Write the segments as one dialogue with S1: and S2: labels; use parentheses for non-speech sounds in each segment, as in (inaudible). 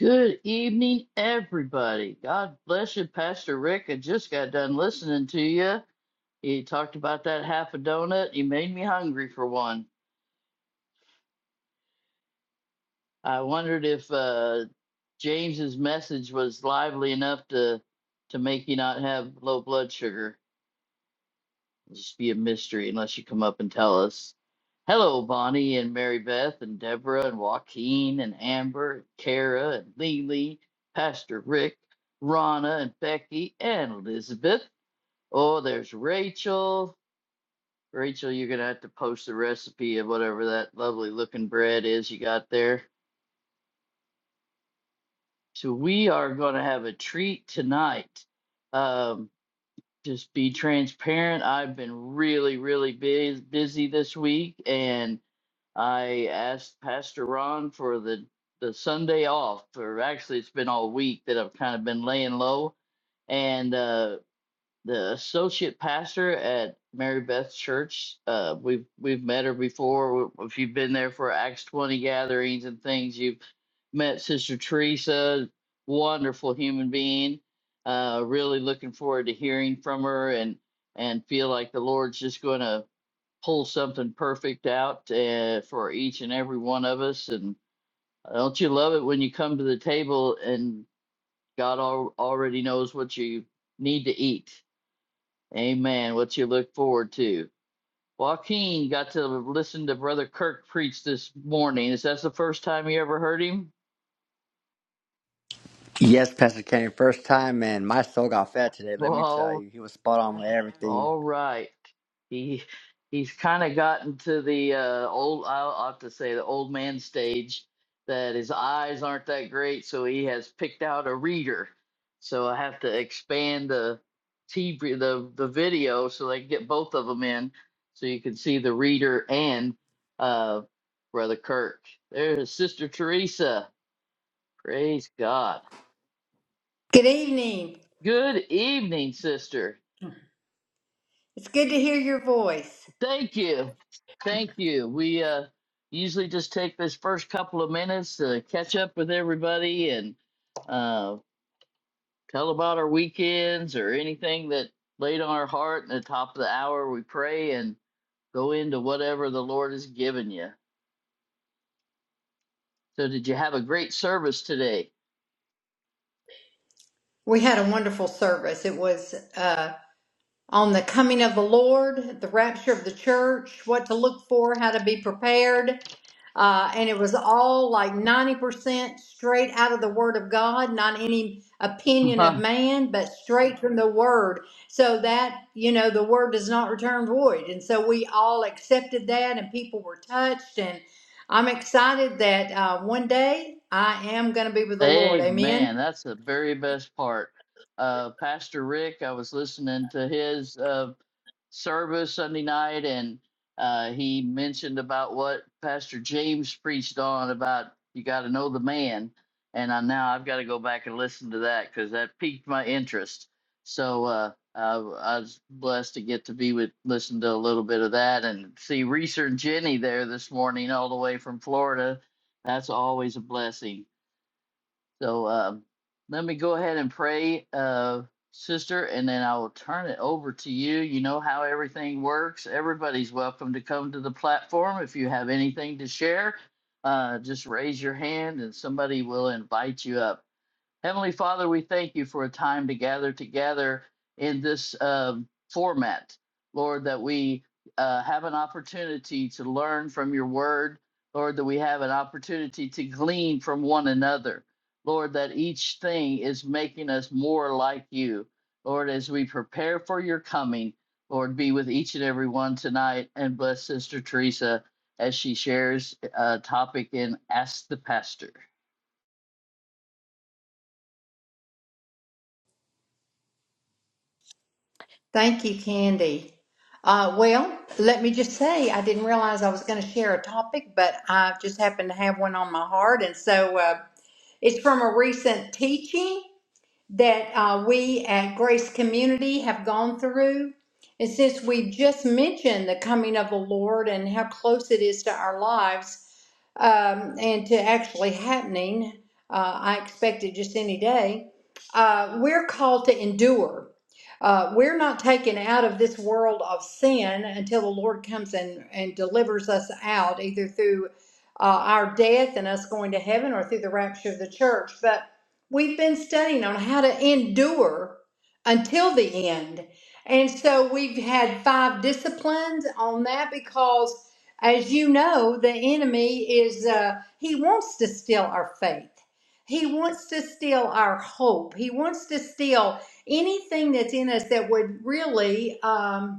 S1: Good evening, everybody. God bless you, Pastor Rick. I just got done listening to you. You talked about that half a donut. You made me hungry for one. I wondered if uh, James's message was lively enough to to make you not have low blood sugar. just be a mystery unless you come up and tell us. Hello, Bonnie and Mary Beth and Deborah and Joaquin and Amber, and Kara and Lily, Pastor Rick, Rana and Becky and Elizabeth. Oh, there's Rachel. Rachel, you're gonna have to post the recipe of whatever that lovely looking bread is you got there. So we are gonna have a treat tonight. Um, just be transparent. I've been really, really busy busy this week and I asked Pastor Ron for the the Sunday off, or actually it's been all week that I've kind of been laying low. And uh, the associate pastor at Mary Beth Church, uh, we've we've met her before. If you've been there for Acts twenty gatherings and things, you've met Sister Teresa, wonderful human being. Uh, really looking forward to hearing from her and and feel like the Lord's just going to pull something perfect out uh, for each and every one of us. And don't you love it when you come to the table and God al- already knows what you need to eat? Amen. What you look forward to. Joaquin got to listen to Brother Kirk preach this morning. Is that the first time you ever heard him? (laughs)
S2: Yes, Pastor Kenny, first time, man. My soul got fed today.
S1: Well,
S2: Let me
S1: all
S2: tell you, he was spot on with everything.
S1: All right. He he's kind of gotten to the uh, old. I'll I'll have to say the old man stage. That his eyes aren't that great, so he has picked out a reader. So I have to expand the T V the the video so they can get both of them in, so you can see the reader and uh, brother Kirk. There's Sister Teresa. Praise God.
S3: Good evening.
S1: Good evening, sister.
S3: It's good to hear your voice.
S1: Thank you. Thank you. We uh, usually just take this first couple of minutes to catch up with everybody and uh, tell about our weekends or anything that laid on our heart. At the top of the hour, we pray and go into whatever the Lord has given you. So, did you have a great service today?
S3: We had a wonderful service. It was uh, on the coming of the Lord, the rapture of the church, what to look for, how to be prepared. uh, and it was all like 90% straight out of the Word of God, not any opinion
S1: (laughs)
S3: of man, but straight from the Word. So that, you know, the Word does not return void. And so we all accepted that, and people were touched. And I'm excited that uh, one day I am going to be with the Lord.
S1: Amen.
S3: Amen.
S1: That's the very best part. Uh, Pastor Rick, I was listening to his uh, service Sunday night, and uh, he mentioned about what Pastor James preached on about you got to know the man. And I now I've got to go back and listen to that because that piqued my interest. So uh, I, I was blessed to get to be with listen to a little bit of that and see Reeser and Jenny there this morning all the way from Florida. That's always a blessing. So um, let me go ahead and pray, uh, sister, and then I will turn it over to you. You know how everything works. Everybody's welcome to come to the platform. If you have anything to share, uh, just raise your hand and somebody will invite you up. Heavenly Father, we thank you for a time to gather together in this um, format, Lord, that we uh, have an opportunity to learn from your word, Lord, that we have an opportunity to glean from one another, Lord, that each thing is making us more like you. Lord, as we prepare for your coming, Lord, be with each and every one tonight and bless Sister Teresa as she shares a topic in Ask the Pastor.
S3: Thank you, Candy. Uh, well, let me just say, I didn't realize I was going to share a topic, but I just happened to have one on my heart. And so, uh, It's from a recent teaching that uh, we at Grace Community have gone through. And since we just mentioned the coming of the Lord and how close it is to our lives um, and to actually happening, uh, I expect it just any day, uh, we're called to endure. Uh, we're not taken out of this world of sin until the Lord comes and, and delivers us out, either through uh, our death and us going to heaven or through the rapture of the church. But We've been studying on how to endure until the end. And so we've had five disciplines on that because, as you know, the enemy is, uh, he wants to steal our faith. He wants to steal our hope. He wants to steal anything that's in us that would really. Um,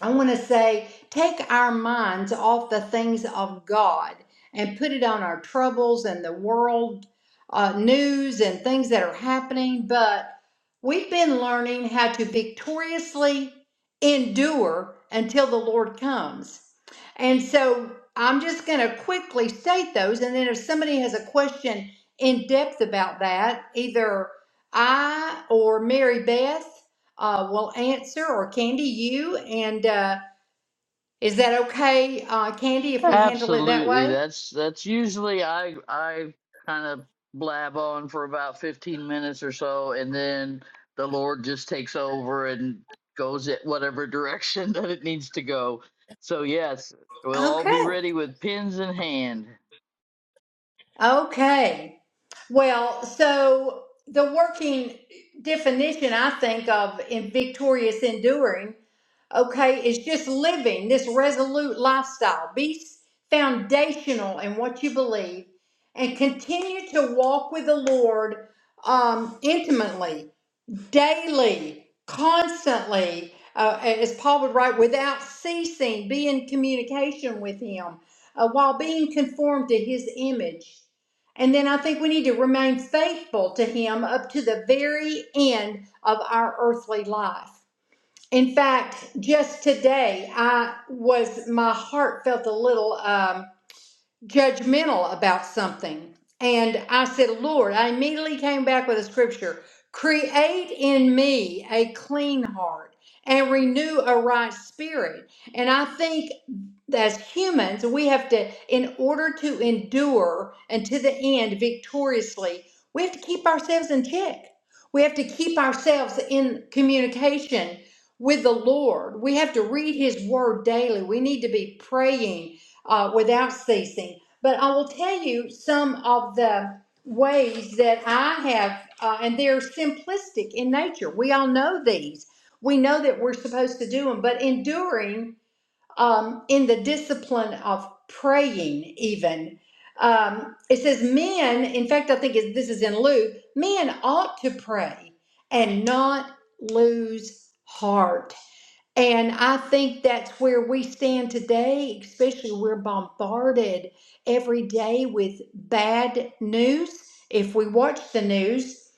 S3: I want to say, take our minds off the things of God and put it on our troubles and the world uh, news and things that are happening. But we've been learning how to victoriously endure until the Lord comes. And so I'm just going to quickly state those. And then if somebody has a question in depth about that, either I or Mary Beth uh, will answer, or Candy, you. And uh, is that okay, uh, Candy, if we handle it that
S1: Absolutely.
S3: way?
S1: That's that's usually I I kind of blab on for about 15 minutes or so and then the Lord just takes over and goes it whatever direction (laughs) that it needs to go. So yes, we'll all
S3: Okay.
S1: be ready with pins in hand.
S3: Okay. Well, so the working definition I think of in victorious enduring, okay, is just living this resolute lifestyle. Be s- foundational in what you believe and continue to walk with the Lord um, intimately daily, constantly, uh, as Paul would write, without ceasing, be in communication with Him uh, while being conformed to His image. And then I think we need to remain faithful to Him up to the very end of our earthly life. In fact, just today, I was my heart felt a little. Um, judgmental about something. And I said, Lord, I immediately came back with a scripture create in me a clean heart and renew a right spirit. And I think as humans, we have to, in order to endure and to the end victoriously, we have to keep ourselves in check. We have to keep ourselves in communication with the Lord. We have to read His Word daily. We need to be praying uh, without ceasing. But I will tell you some of the ways that I have, uh, and they're simplistic in nature. We all know these. We know that we're supposed to do them, but enduring um, in the discipline of praying, even. Um, it says, men, in fact, I think it- this is in Luke, men ought to pray and not lose heart. And I think that's where we stand today, especially we're bombarded every day with bad news. If we watch the news,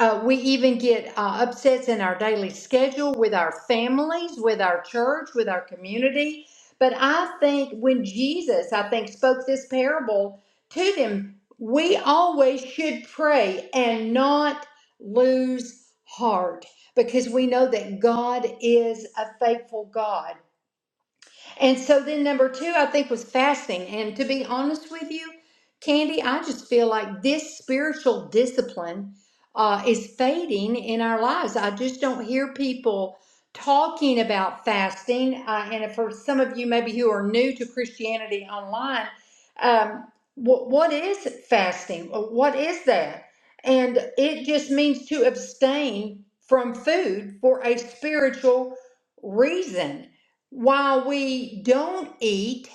S3: uh, we even get uh, upsets in our daily schedule with our families, with our church, with our community. But I think when Jesus, I think, spoke this parable to them, we always should pray and not lose heart because we know that God is a faithful God. And so then number two, I think, was fasting. And to be honest with you, Candy, I just feel like this spiritual discipline uh, is fading in our lives. I just don't hear people talking about fasting. Uh, and for some of you, maybe who are new to Christianity online, um, wh- what is fasting? Uh, What is that? And it just means to abstain from food for a spiritual reason while we don't eat,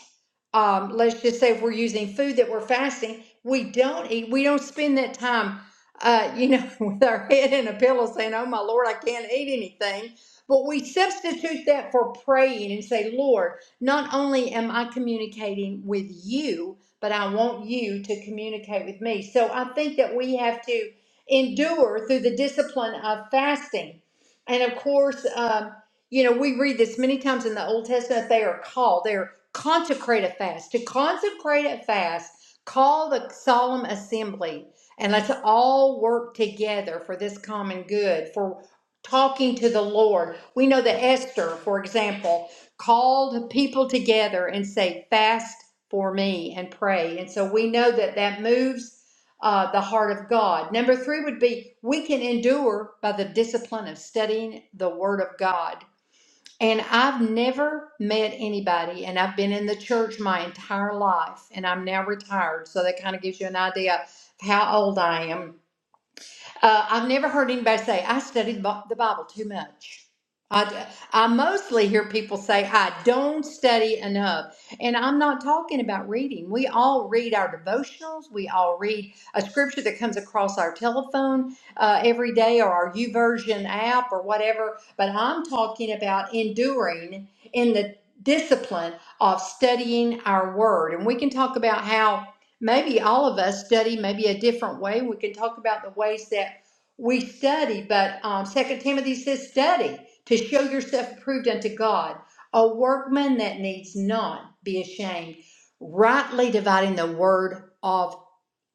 S3: um, let's just say if we're using food that we're fasting, we don't eat, we don't spend that time, uh, you know, (laughs) with our head in a pillow saying, Oh my Lord, I can't eat anything. But we substitute that for praying and say, Lord, not only am I communicating with you, but I want you to communicate with me. So I think that we have to endure through the discipline of fasting. And of course, um, you know, we read this many times in the Old Testament. They are called, they're consecrate a fast. To consecrate a fast, call the solemn assembly, and let's all work together for this common good, for talking to the Lord. We know that Esther, for example, called people together and say, fast for me and pray. And so we know that that moves uh, the heart of God. Number three would be we can endure by the discipline of studying the Word of God. And I've never met anybody, and I've been in the church my entire life, and I'm now retired. So that kind of gives you an idea of how old I am. Uh, I've never heard anybody say, I studied Bi- the Bible too much. I, d- I mostly hear people say, I don't study enough. And I'm not talking about reading. We all read our devotionals. We all read a scripture that comes across our telephone uh, every day or our YouVersion app or whatever. But I'm talking about enduring in the discipline of studying our word. And we can talk about how maybe all of us study maybe a different way. We can talk about the ways that we study, but um, Second Timothy says, "Study to show yourself approved unto God, a workman that needs not be ashamed, rightly dividing the word of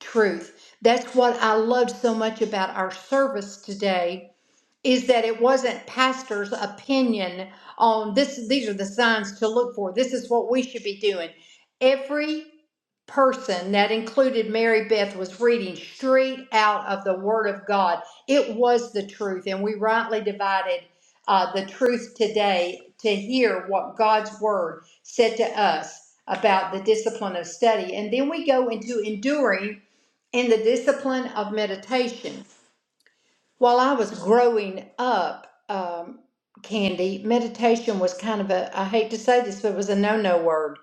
S3: truth." That's what I loved so much about our service today is that it wasn't pastor's opinion on this these are the signs to look for this is what we should be doing every person that included mary beth was reading straight out of the word of god it was the truth and we rightly divided uh, the truth today to hear what god's word said to us about the discipline of study and then we go into enduring in the discipline of meditation while I was growing up, um, Candy, meditation was kind of a, I hate to say this, but it was a no no word.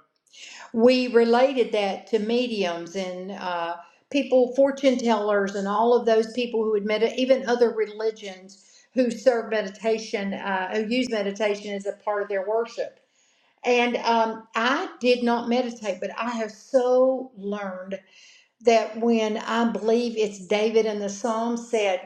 S3: We related that to mediums and uh, people, fortune tellers, and all of those people who had med- even other religions who serve meditation, uh, who use meditation as a part of their worship. And um, I did not meditate, but I have so learned that when I believe it's David in the Psalm said,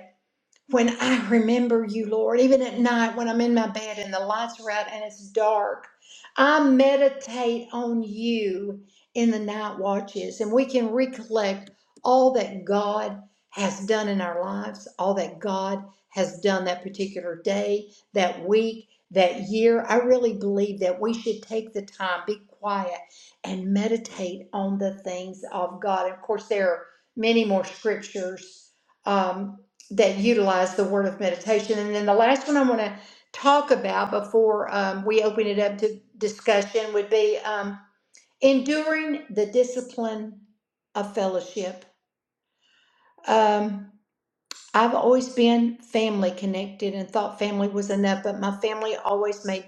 S3: when I remember you, Lord, even at night when I'm in my bed and the lights are out and it's dark, I meditate on you in the night watches and we can recollect all that God has done in our lives, all that God has done that particular day, that week, that year. I really believe that we should take the time, be quiet, and meditate on the things of God. of course, there are many more scriptures. Um, that utilize the word of meditation. And then the last one I want to talk about before um, we open it up to discussion would be um, enduring the discipline of fellowship. Um, I've always been family connected and thought family was enough, but my family always made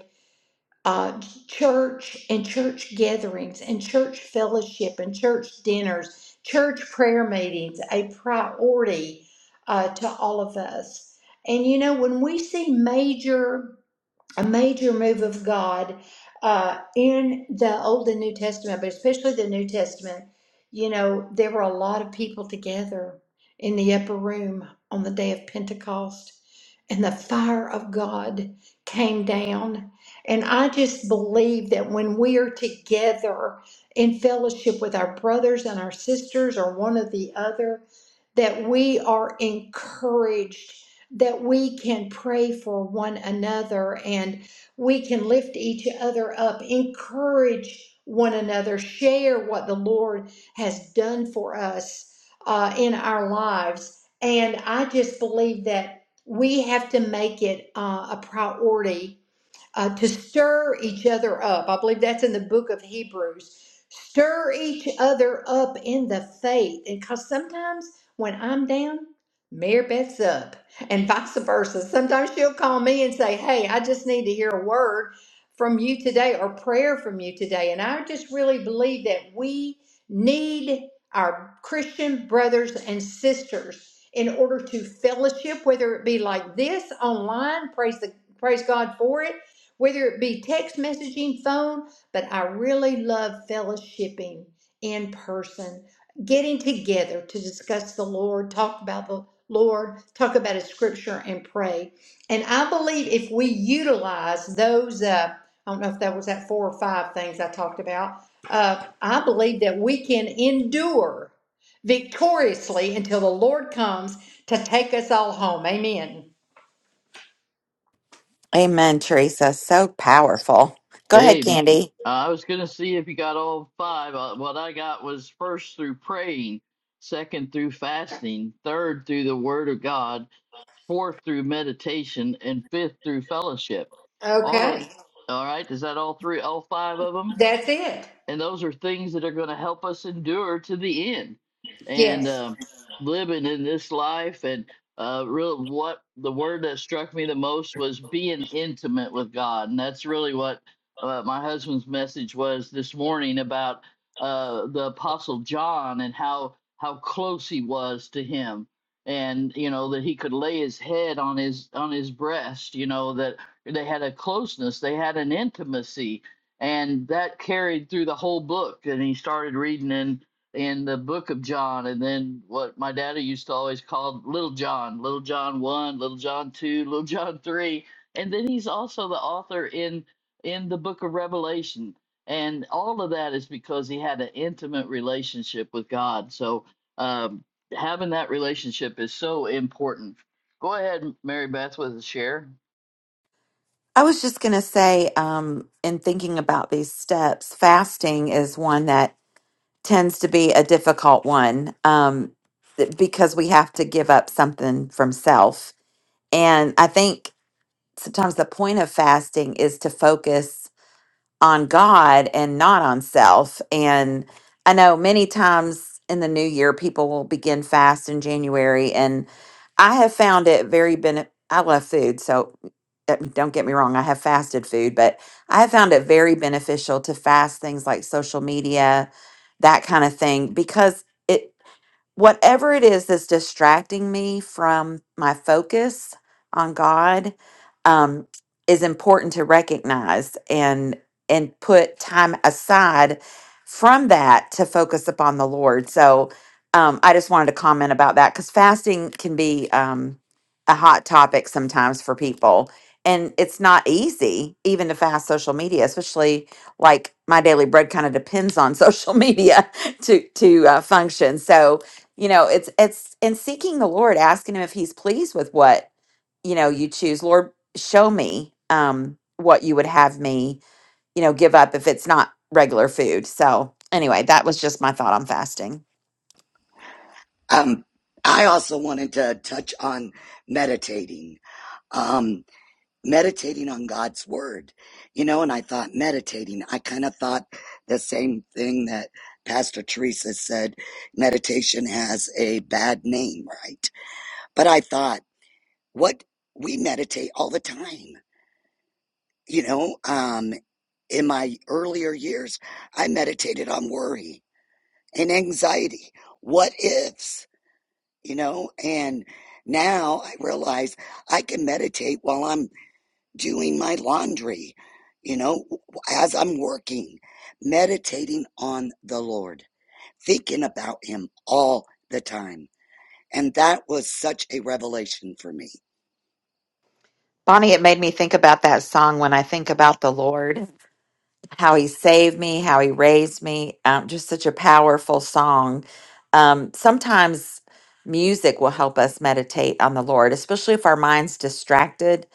S3: uh, church and church gatherings and church fellowship and church dinners, church prayer meetings, a priority uh, to all of us. And you know, when we see major a major move of God uh, in the Old and New Testament, but especially the New Testament. You know, there were a lot of people together in the upper room on the day of Pentecost, and the fire of God came down. And I just believe that when we are together in fellowship with our brothers and our sisters or one or the other, that we are encouraged that we can pray for one another and we can lift each other up, encourage one another, share what the Lord has done for us uh, in our lives. And I just believe that we have to make it uh, a priority uh, to stir each other up. I believe that's in the book of Hebrews. Stir each other up in the faith. And because sometimes when I'm down, Mary Beth's up, and vice versa. Sometimes she'll call me and say, Hey, I just need to hear a word from you today or prayer from you today. And I just really believe that we need our Christian brothers and sisters in order to fellowship, whether it be like this online, praise the praise God for it, whether it be text messaging, phone, but I really love fellowshipping in person, getting together to discuss the Lord, talk about the Lord, talk about His scripture, and pray. And I believe if we utilize those, uh, I don't know if that was that four or five things I talked about, uh, I believe that we can endure victoriously until the Lord comes to take us all home. Amen.
S4: Amen, Teresa. So powerful. Go ahead,
S1: Amen. Uh,
S4: Candy.
S1: I was going to see if you got all five. Uh, what I got was first through praying, second through fasting, third through the word of God. fourth through meditation, and fifth through fellowship. All of,
S3: Okay,
S1: all right, is that all three, all five of them?
S3: that's it.
S1: and those are things that are going to help us endure to the end and
S3: Yes.
S1: um, living in this life and uh, really what the word that struck me the most was being intimate with god and that's really what uh, my husband's message was this morning about uh, the apostle john and how how close he was to him and you know that he could lay his head on his on his breast you know that they had a closeness they had an intimacy and that carried through the whole book and he started reading in in the book of john and then what my daddy used to always call little john little john 1 little john 2 (laughs) little john 3 and then he's also the author in in the book of revelation and all of that is because he had an intimate relationship with god so um, having that relationship is so important go ahead mary beth with a share
S4: I was just going to say, um, in thinking about these steps, fasting is one that tends to be a difficult one um, th- because we have to give up something from self. And I think sometimes the point of fasting is to focus on God and not on self. And I know many times in the new year, people will begin fast in January. And I have found it very benefit. I love food. So uh, don't get me wrong, I have fasted food, but I have found it very beneficial to fast things like social media, that kind of thing, because. It, whatever it is that's distracting me from my focus on God um, is important to recognize and and put time aside from that to focus upon the Lord. So um, I just wanted to comment about that because fasting can be um, a hot topic sometimes for people. And it's not easy even to fast social media, especially like my daily bread kind of depends on (laughs) social media to to uh, function. So you know it's it's in seeking the lord asking him if he's pleased with what you know you choose lord show me um what you would have me you know give up if it's not regular food so anyway that was just my thought on fasting
S5: Um, I also wanted to touch on meditating, um, meditating on God's word, you know, and I thought meditating, I kind of thought the same thing that Pastor Teresa said, meditation has a bad name, right? But I thought, what we meditate all the time, you know, um, in my earlier years, I meditated on worry and anxiety. What ifs? you know, and now I realize I can meditate while I'm doing my laundry, you know, as I'm working, meditating on the Lord, thinking about Him all the time. And that was such a revelation for me.
S4: bonnie it made me think about that song when i think about the lord how he saved me how he raised me um, just such a powerful song um sometimes music will help us meditate on the lord especially if our mind's distracted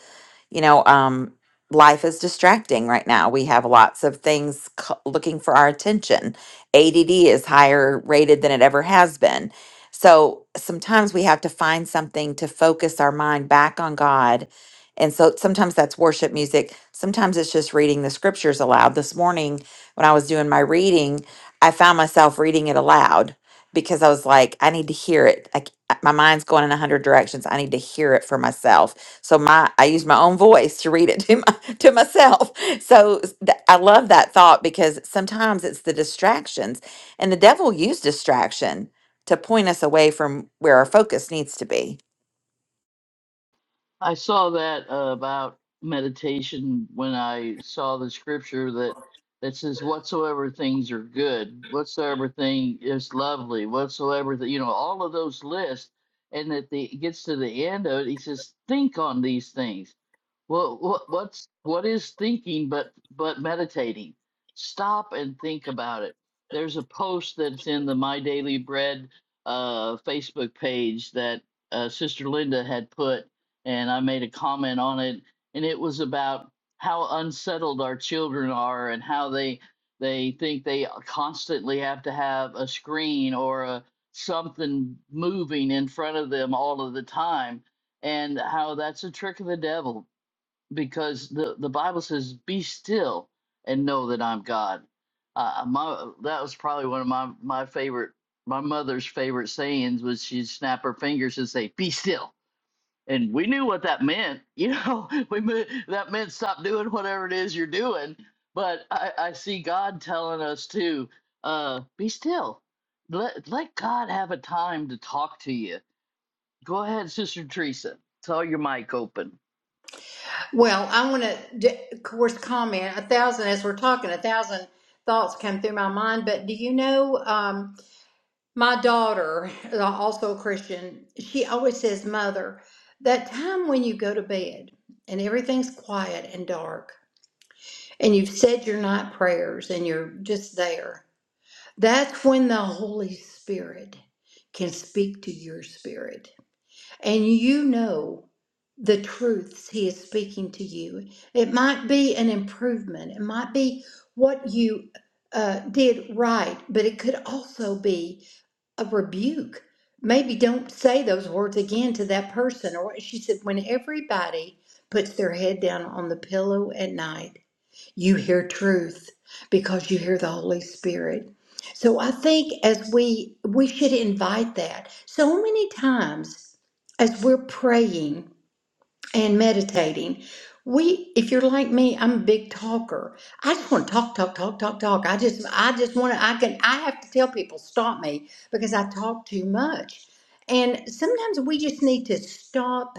S4: you know, um, life is distracting right now. We have lots of things c- looking for our attention. ADD is higher rated than it ever has been. So sometimes we have to find something to focus our mind back on God. And so sometimes that's worship music. Sometimes it's just reading the scriptures aloud. This morning, when I was doing my reading, I found myself reading it aloud because I was like, I need to hear it. I, c- my mind's going in a hundred directions. I need to hear it for myself so my I use my own voice to read it to my, (laughs) to myself. So s- th- I love that thought because sometimes it's the distractions and the devil used distraction to point us away from where our focus needs to be.
S1: I saw that uh, about meditation when I saw the scripture that that says whatsoever things are good, whatsoever thing is lovely, whatsoever th- you know, all of those lists, and that the it gets to the end of it, he says, think on these things. Well, what what's what is thinking but but meditating? Stop and think about it. There's a post that's in the My Daily Bread uh, Facebook page that uh, Sister Linda had put, and I made a comment on it, and it was about how unsettled our children are and how they they think they constantly have to have a screen or a something moving in front of them all of the time and how that's a trick of the devil because the the Bible says, "Be still and know that I'm God." Uh, my that was probably one of my my favorite my mother's favorite sayings was she'd snap her fingers and say, "Be still." And we knew what that meant, you know. (laughs) We mo- that meant stop doing whatever it is you're doing. But I, I see God telling us to uh, be still. Let let God have a time to talk to you. Go ahead, Sister Teresa. Saw your mic open.
S3: Well, I want to, of course, comment. A thousand, as we're talking, a thousand thoughts come through my mind. But do you know, um, my daughter, uh, also a Christian, she always says, Mother, that time when you go to bed and everything's quiet and dark and you've said your night prayers and you're just there, that's when the Holy Spirit can speak to your spirit and you know the truths he is speaking to you. It might be an improvement, it might be what you uh, did right, but it could also be a rebuke. Maybe don't say those words again to that person. Or she said, when everybody puts their head down on the pillow at night you hear truth because you hear the holy spirit so i think as we we should invite that so many times as we're praying and meditating we if you're like me i'm a big talker i just want to talk talk talk talk talk i just i just want to i can i have to tell people stop me because i talk too much and sometimes we just need to stop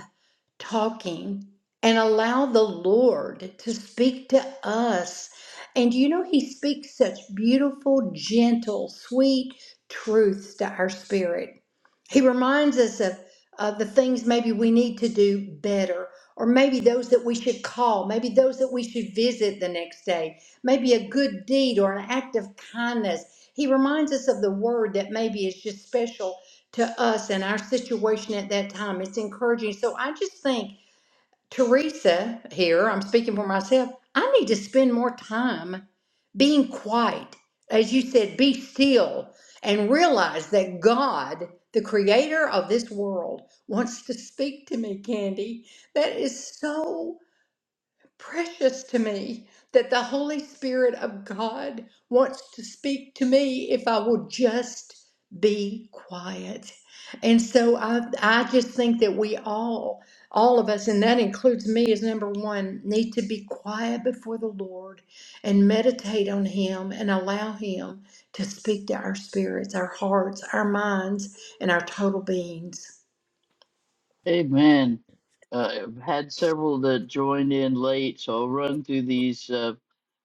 S3: talking and allow the Lord to speak to us. And you know, He speaks such beautiful, gentle, sweet truths to our spirit. He reminds us of uh, the things maybe we need to do better, or maybe those that we should call, maybe those that we should visit the next day, maybe a good deed or an act of kindness. He reminds us of the word that maybe is just special to us and our situation at that time. It's encouraging. So I just think, Teresa, here, I'm speaking for myself, I need to spend more time being quiet. As you said, be still and realize that God, the creator of this world, wants to speak to me, Candy. That is so precious to me that the Holy Spirit of God wants to speak to me if I will just be quiet. And so I, I just think that we all, all of us, and that includes me as number one, need to be quiet before the Lord and meditate on Him and allow Him to speak to our spirits, our hearts, our minds, and our total beings.
S1: Amen. Uh, I've had several that joined in late, so I'll run through these. Uh,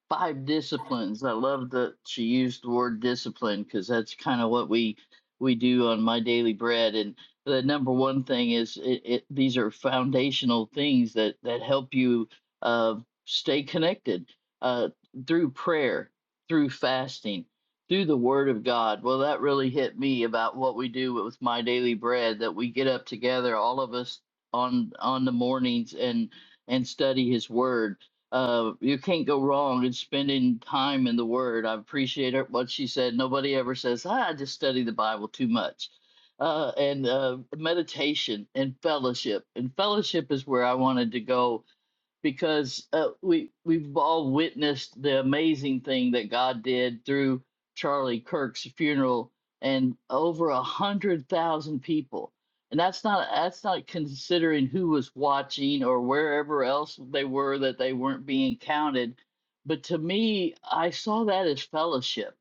S1: five disciplines. I love that she used the word discipline because that's kind of what we we do on my daily bread. And the number one thing is it, it, these are foundational things that that help you uh, stay connected uh, through prayer, through fasting, through the Word of God. Well, that really hit me about what we do with my daily bread. That we get up together, all of us on on the mornings and and study His Word uh, you can't go wrong in spending time in the Word. I appreciate her, what she said. Nobody ever says, ah, I just study the Bible too much. Uh, and uh, meditation and fellowship. And fellowship is where I wanted to go because uh, we we've all witnessed the amazing thing that God did through Charlie Kirk's funeral and over a hundred thousand people. And that's not that's not considering who was watching or wherever else they were that they weren't being counted. But to me, I saw that as fellowship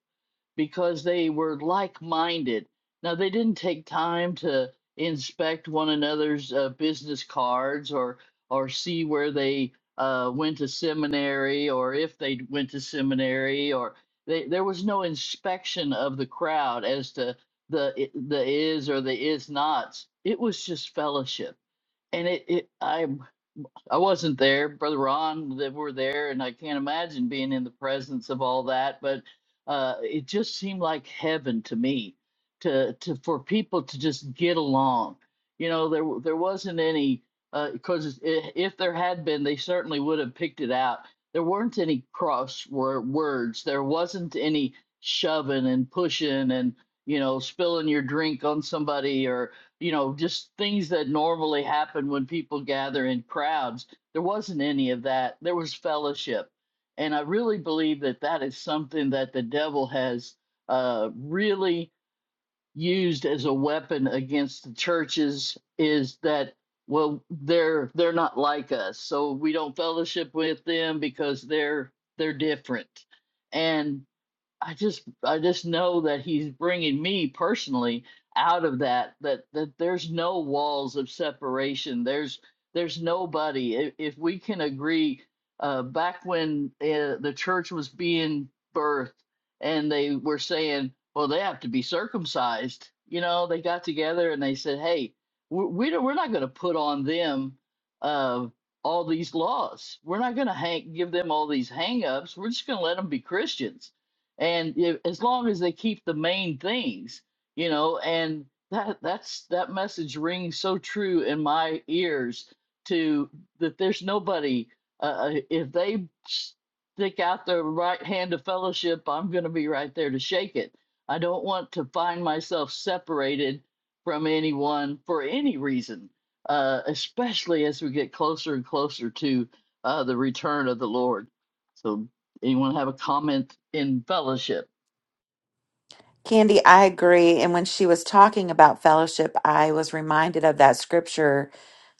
S1: because they were like minded. Now, they didn't take time to inspect one another's uh, business cards or, or see where they uh, went to seminary or if they went to seminary, or they, there was no inspection of the crowd as to the, the is or the is nots. It was just fellowship. And it, it, I I wasn't there, Brother Ron. They were there, and I can't imagine being in the presence of all that. But uh, it just seemed like heaven to me, to to for people to just get along. You know, there w- there wasn't any because if there had been, they certainly would have picked it out. There weren't any cross wor- words. There wasn't any shoving and pushing and you know spilling your drink on somebody you know, just things that normally happen when people gather in crowds. There wasn't any of that. There was fellowship. And I really believe that that is something that the devil has uh, really used as a weapon against the churches is that well they're they're not like us so we don't fellowship with them because they're they're different I just I just know that he's bringing me personally out of that that that there's no walls of separation. There's there's nobody. If, if we can agree, uh, back when uh, the church was being birthed and they were saying, well, they have to be circumcised. You know, they got together and they said, hey, we, we don't, we're not going to put on them uh, all these laws. We're not going to hang, give them all these hang ups. We're just going to let them be Christians and if, as long as they keep the main things you know and that that's that message rings so true in my ears to that there's nobody uh, uh, if they stick out their right hand of fellowship i'm going to be right there to shake it i don't want to find myself separated from anyone for any reason uh, especially as we get closer and closer to uh, the return of the lord so Anyone have a comment in fellowship?
S4: Candy, I agree and when she was talking about fellowship, I was reminded of that scripture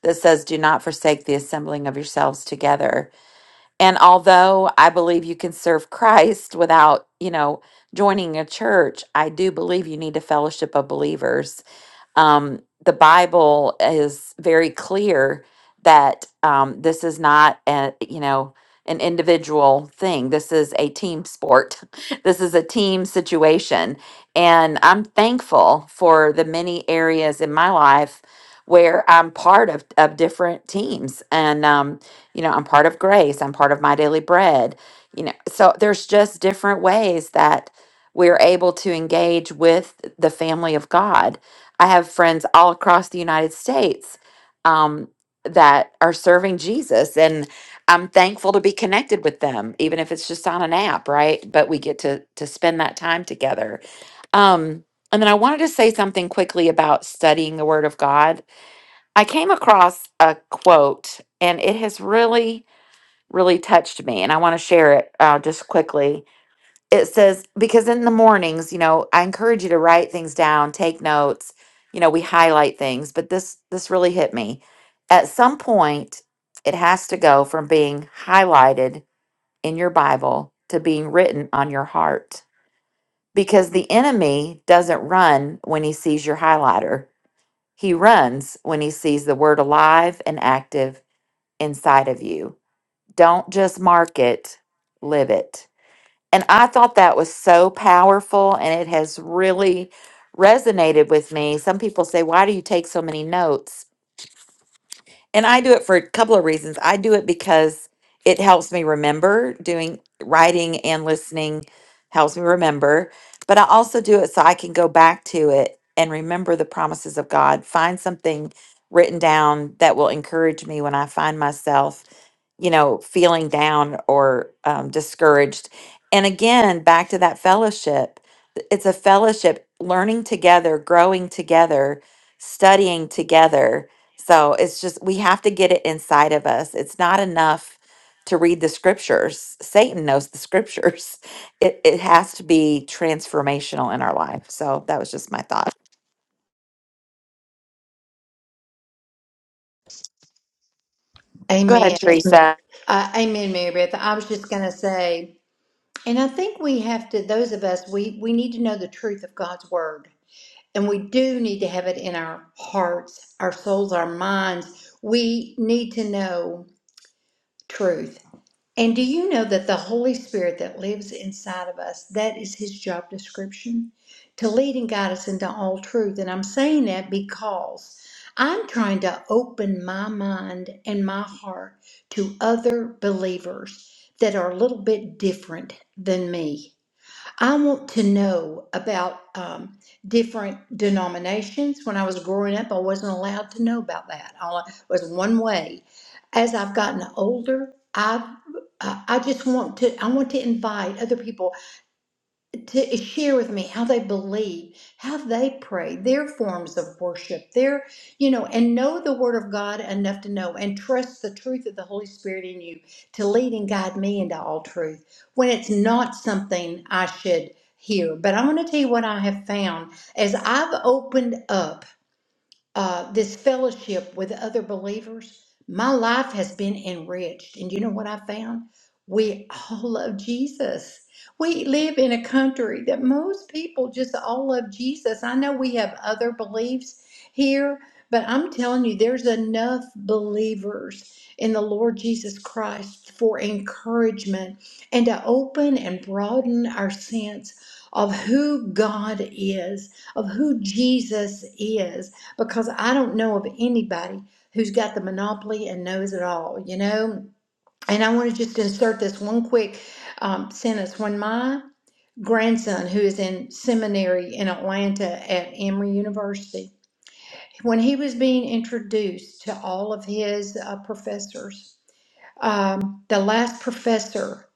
S4: that says do not forsake the assembling of yourselves together And although I believe you can serve Christ without, you know, joining a church, I do believe you need a fellowship of believers um, the Bible is very clear that um, this is not a you know an individual thing. This is a team sport. (laughs) this is a team situation, and I'm thankful for the many areas in my life where I'm part of of different teams, and um, you know I'm part of Grace. I'm part of My Daily Bread. You know, so there's just different ways that we're able to engage with the family of God I have friends all across the United States um, that are serving Jesus, and I'm thankful to be connected with them, even if it's just on an app, right? But we get to to spend that time together. Um, and then I wanted to say something quickly about studying the Word of God. I came across a quote, and it has really, really touched me, and I want to share it uh, just quickly it says because in the mornings you know i encourage you to write things down take notes you know we highlight things but this this really hit me at some point it has to go from being highlighted in your bible to being written on your heart because the enemy doesn't run when he sees your highlighter he runs when he sees the word alive and active inside of you don't just mark it live it and I thought that was so powerful and it has really resonated with me. Some people say, Why do you take so many notes? And I do it for a couple of reasons. I do it because it helps me remember doing writing and listening, helps me remember. But I also do it so I can go back to it and remember the promises of God, find something written down that will encourage me when I find myself you know, feeling down or um, discouraged. And again, back to that fellowship, th- it's a fellowship, learning together, growing together, studying together. So it's just, we have to get it inside of us. It's not enough to read the scriptures. Satan knows the scriptures. (laughs) It, it has to be transformational in our life. So that was just my thought. Go ahead,
S3: Amen.
S4: Teresa.
S3: Uh, amen, Mary Beth. I was just going to say, And I think we have to, those of us, we, we need to know the truth of God's word. And we do need to have it in our hearts, our souls, our minds. We need to know truth. And do you know that the Holy Spirit that lives inside of us, that is his job description? To lead and guide us into all truth. And I'm saying that because I'm trying to open my mind and my heart to other believers that are a little bit different than me. I want to know about um, different denominations. When I was growing up, I wasn't allowed to know about that. All I, was one way. As I've gotten older, I've I I just want to. I want to invite other people to share with me how they believe, how they pray, their forms of worship, their, you know, and know the Word of God enough to know and trust the truth of the Holy Spirit in you to lead and guide me into all truth when it's not something I should hear. But I want to tell you what I have found as I've opened up uh, this fellowship with other believers, my life has been enriched. And you know what I found? We all (laughs) love Jesus. We live in a country that most people just all love Jesus. I know we have other beliefs here, but I'm telling you, there's enough believers in the Lord Jesus Christ for encouragement and to open and broaden our sense of who God is, of who Jesus is because I don't know of anybody who's got the monopoly and knows it all, you know? And I want to just insert this one quick um, sentence. When my grandson, who is in seminary in Atlanta at Emory University, when he was being introduced to all of his uh, professors, um, the last professor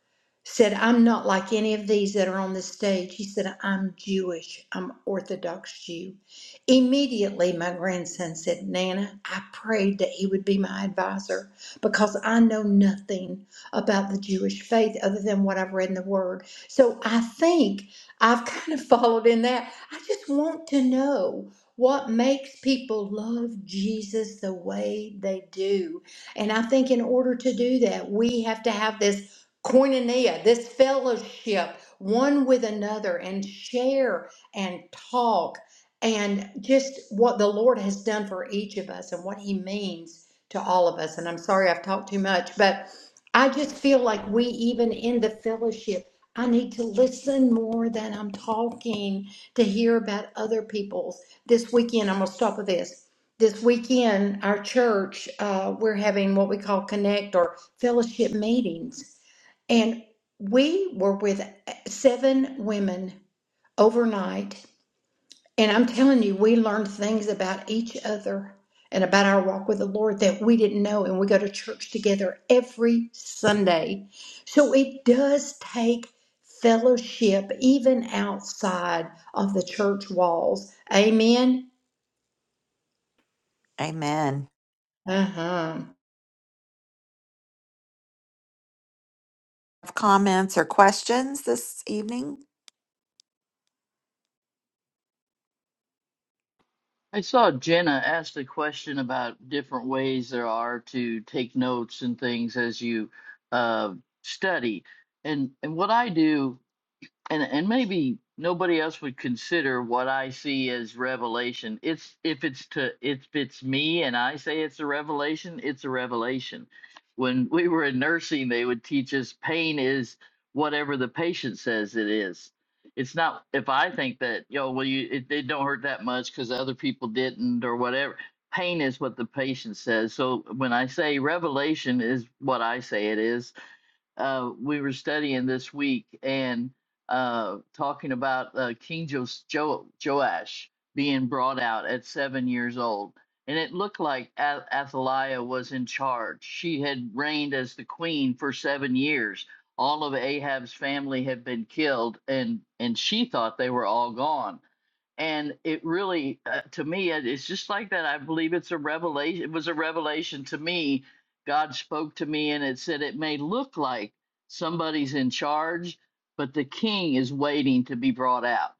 S3: said, I'm not like any of these that are on the stage. He said, I'm Jewish. I'm Orthodox Jew. Immediately, my grandson said, Nana, I prayed that he would be my advisor because I know nothing about the Jewish faith other than what I've read in the Word. So I think I've kind of (laughs) followed in that. I just want to know what makes people love Jesus the way they do and I think in order to do that, we have to have this koinonia, this fellowship, one with another, and share and talk and just what the Lord has done for each of us and what He means to all of us. And I'm sorry I've talked too much, but I just feel like we, even in the fellowship, I need to listen more than I'm talking to hear about other people's. This weekend, I'm going to stop with this this weekend, our church, uh, we're having what we call connect or fellowship meetings. And we were with uh, seven women overnight. And I'm telling you, we learned things about each other and about our walk with the Lord that we didn't know. And we go to church together every Sunday. So it does take fellowship even outside of the church walls. Amen.
S4: Amen.
S3: Uh huh.
S4: Comments or questions this evening?
S1: I saw Jenna asked a question about different ways there are to take notes and things as you uh, study. And and what I do and and maybe nobody else would consider what I see as revelation. It's if it's to if it's me and I say it's a revelation, it's a revelation. When we were in nursing, they would teach us pain is whatever the patient says it is. It's not if I think that yo well you it, it don't hurt that much because other people didn't or whatever. Pain is what the patient says. So when I say revelation is what I say it is uh, we were studying this week and uh, talking about uh, King jo- jo- Joash being brought out at seven years old. And it looked like A- Athaliah was in charge. She had reigned as the queen for seven years. All of Ahab's family had been killed, and, and she thought they were all gone and it really uh, to me it- it's just like that i believe it's a revelation it was a revelation to me god spoke to me and it said it may look like somebody's in charge but the king is waiting to be brought out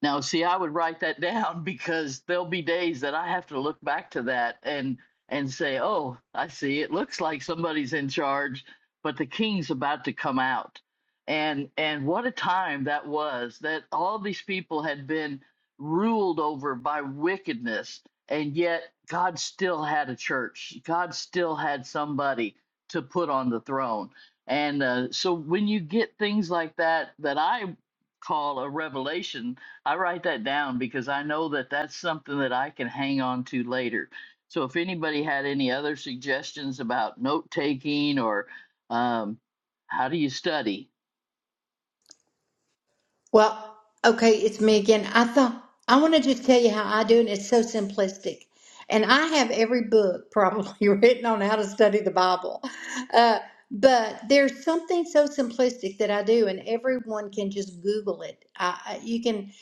S1: now, see, I would write that (laughs) down because there'll be days that I have to look back to that and and say, "Oh, I see. It looks like somebody's in charge, but the king's about to come out." And and what a time that was that all these people had been ruled over by wickedness, and yet God still had a church. God still had somebody to put on the throne. And uh, so when you get things like that that I call a revelation I write that down because I know that that's something that I can hang on to later. So if anybody had any other suggestions about note taking or um, how do you study?
S3: Well, okay, it's me again. I thought I want to just tell you how I do it. It's so simplistic. And I have every book probably (laughs) written on how to study the Bible. Uh, but there's something so simplistic that I do, and everyone can just Google it. I, I- you can,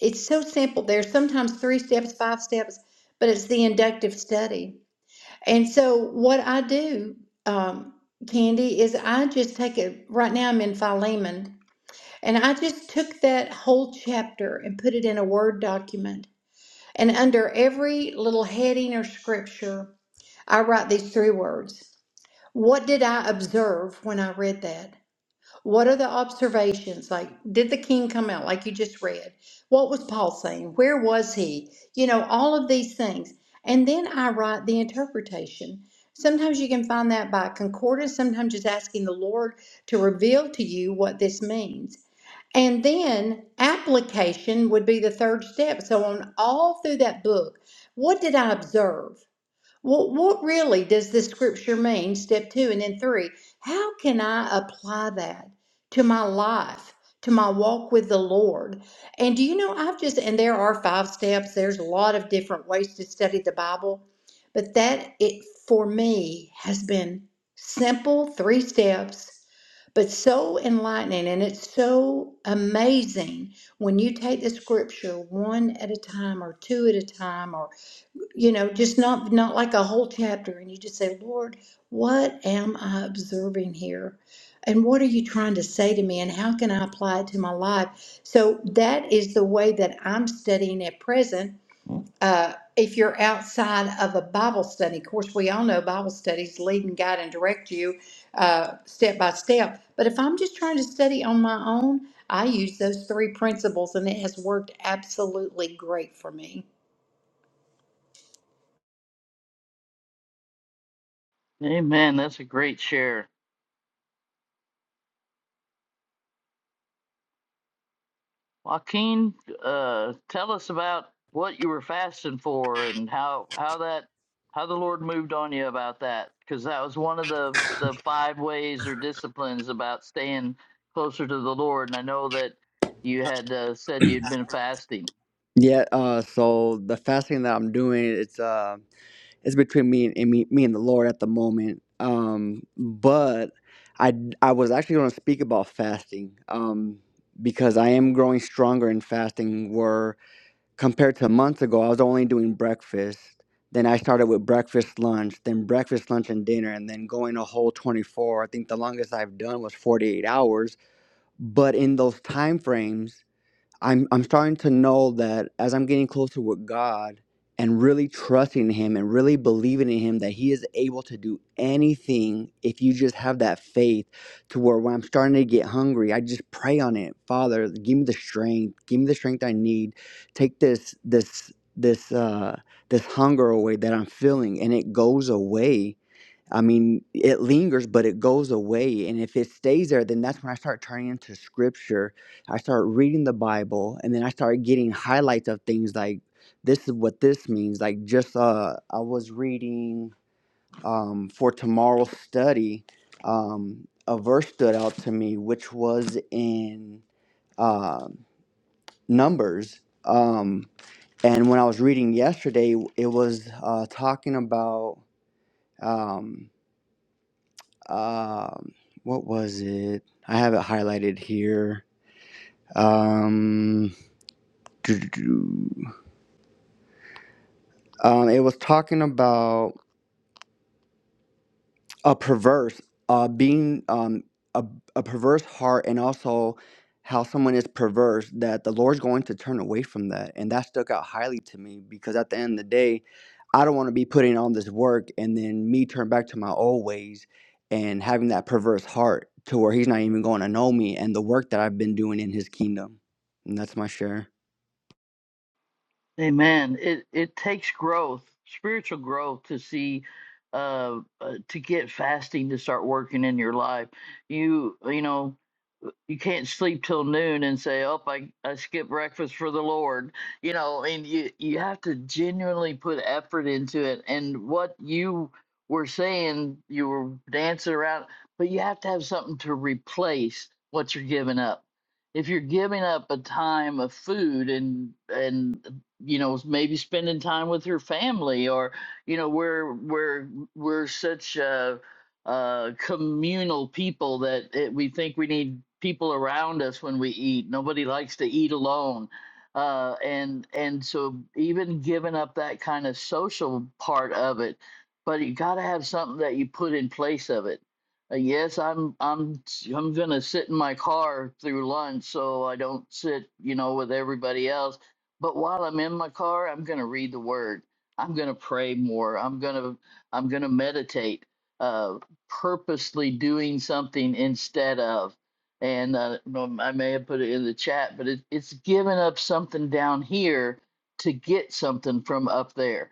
S3: it's so simple. There's sometimes three steps, five steps, but it's the inductive study. And so, what I do, um, Candy, is I just take it right now, I'm in Philemon and I just took that whole chapter and put it in a Word document. And under every little heading or scripture, I write these three words What did I observe when I read that? What are the observations? Like, did the king come out, like you just read? What was Paul saying? Where was he? You know, all of these things. And then I write the interpretation. Sometimes you can find that by concordance, sometimes just asking the Lord to reveal to you what this means. And then application would be the third step. So, on all through that book, what did I observe? What, what really does this scripture mean? Step two and then three. How can I apply that to my life, to my walk with the Lord? And do you know, I've just, and there are five steps, there's a lot of different ways to study the Bible, but that it for me has been simple three steps, but so enlightening. And it's so amazing when you take the scripture one at a time or two at a time or you know just not not like a whole chapter and you just say lord what am i observing here and what are you trying to say to me and how can i apply it to my life so that is the way that i'm studying at present uh, if you're outside of a bible study of course we all know bible studies lead and guide and direct you uh, step by step but if i'm just trying to study on my own i use those three principles and it has worked absolutely great for me
S1: Hey, man, that's a great share. Joaquin, uh, tell us about what you were fasting for and how how that how the Lord moved on you about that because that was one of the the five ways or disciplines about staying closer to the Lord. And I know that you had uh, said you'd been fasting.
S2: Yeah. Uh. So the fasting that I'm doing, it's uh, it's between me and, and me, me and the Lord at the moment. Um. But I I was actually going to speak about fasting. Um. Because I am growing stronger in fasting. Where compared to a month ago, I was only doing breakfast. Then I started with breakfast, lunch, then breakfast, lunch, and dinner, and then going a whole 24. I think the longest I've done was 48 hours. But in those time frames. I'm I'm starting to know that as I'm getting closer with God and really trusting him and really believing in him that he is able to do anything if you just have that faith to where when I'm starting to get hungry, I just pray on it. Father, give me the strength, give me the strength I need. Take this this this uh this hunger away that I'm feeling and it goes away I mean, it lingers, but it goes away. And if it stays there, then that's when I start turning into scripture. I start reading the Bible, and then I start getting highlights of things like this is what this means. Like, just uh, I was reading um, for tomorrow's study, um, a verse stood out to me, which was in uh, Numbers. Um, and when I was reading yesterday, it was uh, talking about. Um, um what was it i have it highlighted here um (tsk) um it was talking about a perverse uh being um a, a perverse heart and also how someone is perverse that the lord's going to turn away from that and that stuck out highly to me because at the end of the day i don't want to be putting on this work and then me turn back to my old ways and having that perverse heart to where he's not even going to know me and the work that i've been doing in his kingdom and that's my share
S1: Amen. It it takes growth, spiritual growth, to see, uh, uh, to get fasting to start working in your life. You you know, you can't sleep till noon and say, "Oh, I I skipped breakfast for the Lord." You know, and you you have to genuinely put effort into it. And what you were saying, you were dancing around, but you have to have something to replace what you're giving up. If you're giving up a time of food and and you know maybe spending time with her family or you know we're we're we're such uh uh communal people that it, we think we need people around us when we eat nobody likes to eat alone uh and and so even giving up that kind of social part of it but you got to have something that you put in place of it uh, yes i'm i'm i'm going to sit in my car through lunch so i don't sit you know with everybody else but while I'm in my car, I'm going to read the word. I'm going to pray more. I'm going to I'm going to meditate. Uh, purposely doing something instead of, and uh, no, I may have put it in the chat, but it, it's giving up something down here to get something from up there.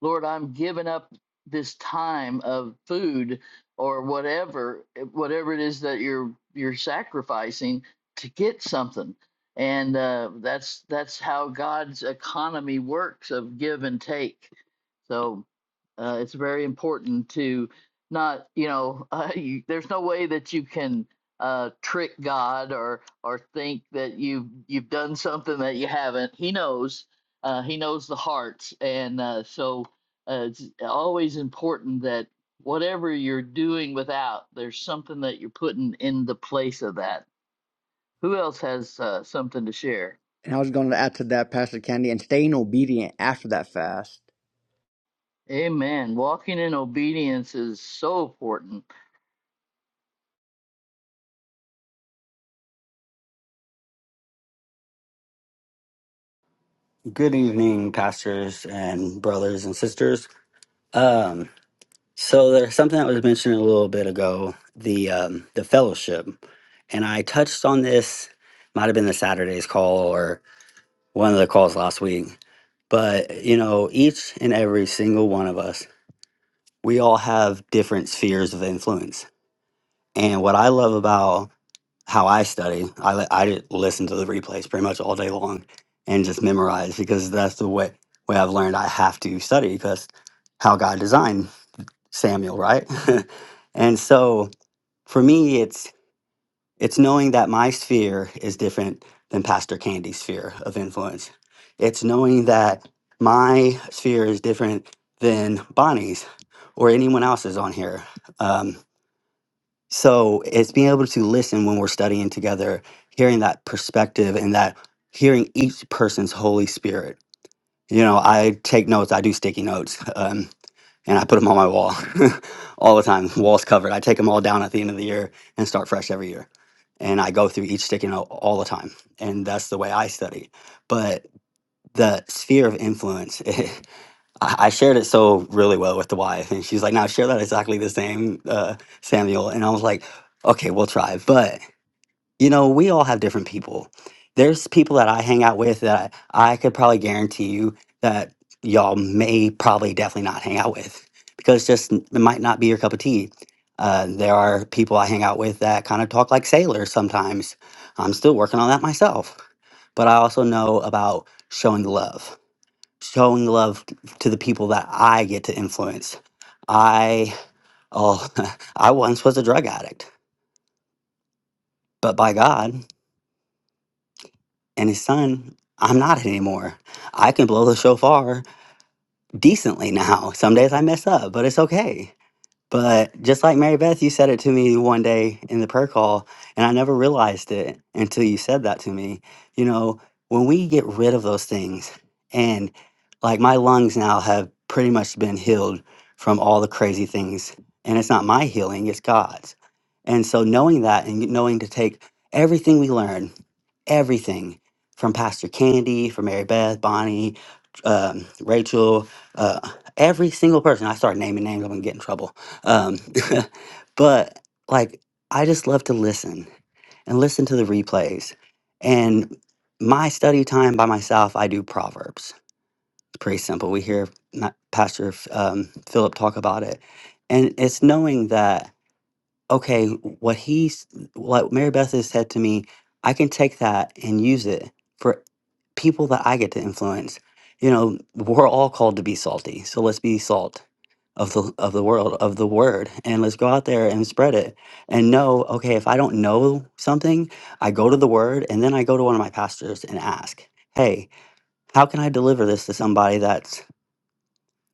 S1: Lord, I'm giving up this time of food or whatever, whatever it is that you're you're sacrificing to get something and uh, that's that's how God's economy works of give and take. So uh, it's very important to not, you know, (laughs) uh, you, there's no way that you can uh, trick God or or think that you you've done something that you haven't. He knows. Uh, he knows the hearts, and uh, so uh, it's always important that whatever you're doing without, there's something that you're putting in the place of that who else has uh, something to share?
S2: and i was going to add to that pastor candy and staying obedient after that fast
S1: Amen. Walking in obedience is so important.
S6: Good evening, pastors and brothers and sisters. Um, so there's something that was mentioned a little bit ago, the um, the fellowship, and I touched on this. Might have been the Saturday's call or one of the calls last week, but you know, each and every single one of us, we all have different spheres of influence. And what I love about how I study. I li- I did listen to the replays pretty much all day long and just memorize because that's the way way I've learned I have to study because how God designed Samuel, right? (laughs) and so for me, it's it's knowing that my sphere is different than Pastor Candy's sphere of influence. It's knowing that my sphere is different than Bonnie's or anyone else's on here. Um, so it's being able to listen when we're studying together, hearing that perspective and that hearing each person's Holy Spirit. You know, I take notes, I do sticky notes, (laughs) um, and I put them on my wall (laughs) all the time. Wall's covered. I take them all down at the end of the year and start fresh every year. And I go through each sticky note all the time. And that's the way I study. But the sphere of influence (laughs) I I shared it so really well with the wife, and she's like, "Now share that exactly the same, uh, Samuel." And I was like, "Okay, we'll try." But you know, we all have different people. There's people that I hang out with that I could probably guarantee you that y'all may probably definitely not hang out with because just n- it might not be your cup of tea. Uh, there are people I hang out with that kind of talk like sailors sometimes. I'm still working on that myself, but I also know about showing love showing love to the people that I get to influence. I oh (laughs) I once was a drug addict, but by God and his son, I'm not anymore. I can blow the shofar decently now. Some days I mess up, but it's okay. But just like Mary Beth, you said it to me one day in the prayer call, and I never realized it until you said that to me. You know, when we get rid of those things, and like my lungs now have pretty much been healed from all the crazy things, and it's not my healing, it's God's. And so knowing that and knowing to take everything we learn, everything from Pastor Candy, from Mary Beth, Bonnie, um, Rachel, uh, every single person, I start naming names, I'm gonna get in trouble um, (laughs) but like, I just love to listen and listen to the replays. And my study time by myself, I do Proverbs. It's pretty simple. We hear Ma- Pastor um, Philip talk about it. And it's knowing that, okay, what he's, what Mary Beth has said to me, I can take that and use it for people that I get to influence. You know, we're all called to be salty. So let's be salt of the of the world of the word and let's go out there and spread it and know okay if i don't know something i go to the word and then i go to one of my pastors and ask hey how can i deliver this to somebody that's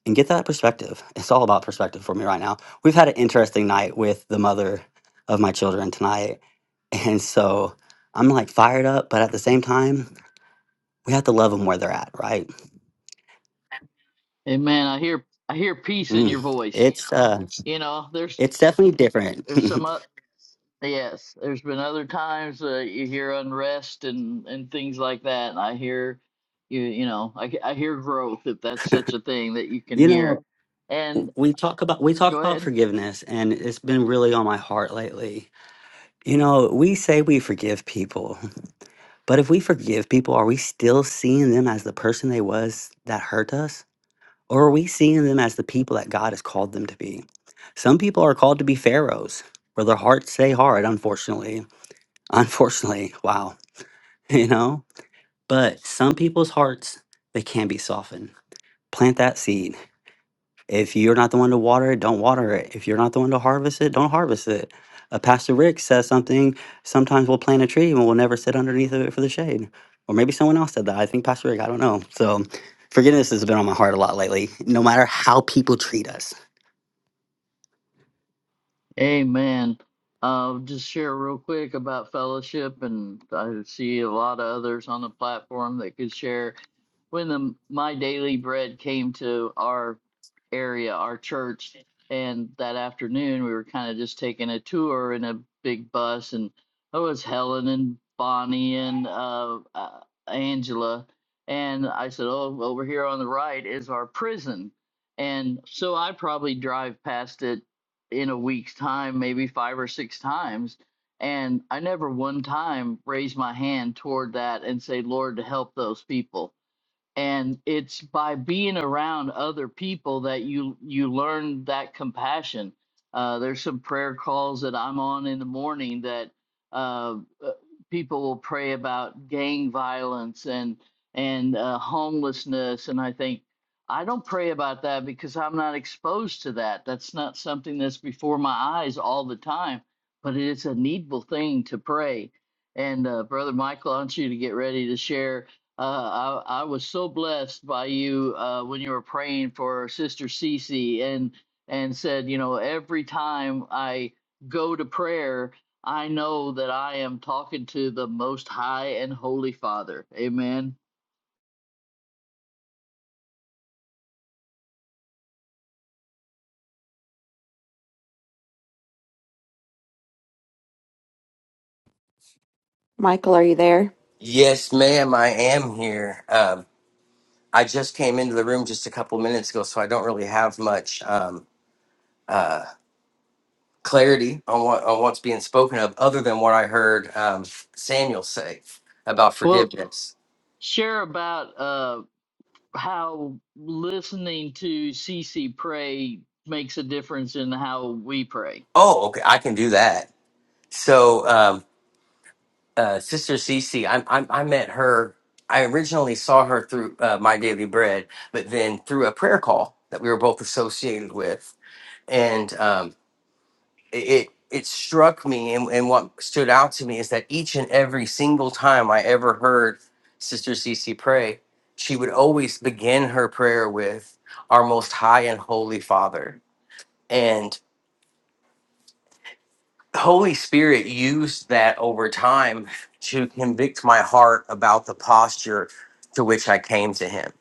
S6: and get that perspective it's all about perspective for me right now we've had an interesting night with the mother of my children tonight and so i'm like fired up but at the same time we have to love them where they're at right
S1: Amen. I hear I hear peace in
S6: Mm.
S1: your voice.
S6: It's uh,
S1: You know, there's
S6: it's definitely different.
S1: there's some uh, yes. There's been other times uh, you hear unrest and and things like that. And I hear you you know I I hear growth if that's such a thing that you
S6: (laughs)
S1: can
S6: you know,
S1: hear. And
S6: we talk about we talk
S1: go
S6: about
S1: ahead.
S6: forgiveness and it's been really on my heart lately you know we say we forgive people but if we forgive people are we still seeing them as the person they was that hurt us or are we seeing them as the people that god has called them to be some people are called to be pharaohs where their hearts stay hard unfortunately unfortunately wow (laughs) you know but some people's hearts they can be softened plant that seed If you're not the one to water it, don't water it. If you're not the one to harvest it, don't harvest it. Uh, Pastor Rick says something. Sometimes we'll plant a tree and we'll never sit underneath of it for the shade. Or maybe someone else said that. I think Pastor Rick. I don't know. So forgiveness has been on my heart a lot lately. No matter how people treat us,
S1: Amen. I'll just share real quick about fellowship, and I see a lot of others on the platform that could share when the my daily bread came to our area, our church, and that afternoon we were kind of just taking a tour in a big bus, and it was Helen and Bonnie and uh, uh, Angela, and I said, "Oh, over here on the right is our prison," and so I probably drive past it in a week's time, maybe five or six times. And I never one time raised my hand toward that and say, Lord, to help those people and it's by being around other people that you you learn that compassion uh, there's some prayer calls that i'm on in the morning that uh, uh, people will pray about gang violence and and uh, homelessness and i think i don't pray about that because i'm not exposed to that that's not something that's before my eyes all the time but it's a needful thing to pray and uh, brother michael i want you to get ready to share uh, I, I was so blessed by you uh, when you were praying for Sister Cece and and said, you know, every time I go to prayer, I know that I am talking to the Most High and Holy Father. Amen.
S4: Michael, are you there?
S7: Yes, ma'am, I am here. Um, I just came into the room just a couple minutes ago, so I don't really have much um, clarity on what on what's being spoken of, other than what I heard um, Samuel say about
S1: Well,
S7: forgiveness.
S1: share about uh, how listening to Cece pray makes a difference in how we pray.
S7: Oh, okay, I can do that. So, um, uh, Sister Cece, I, I, I met her. I originally saw her through uh, My Daily Bread, but then through a prayer call that we were both associated with, and um, it it struck me and, and what stood out to me is that each and every single time I ever heard Sister Cece pray, she would always begin her prayer with our most high and holy Father. And Holy Spirit used that over time to convict my heart about the posture to which I came to him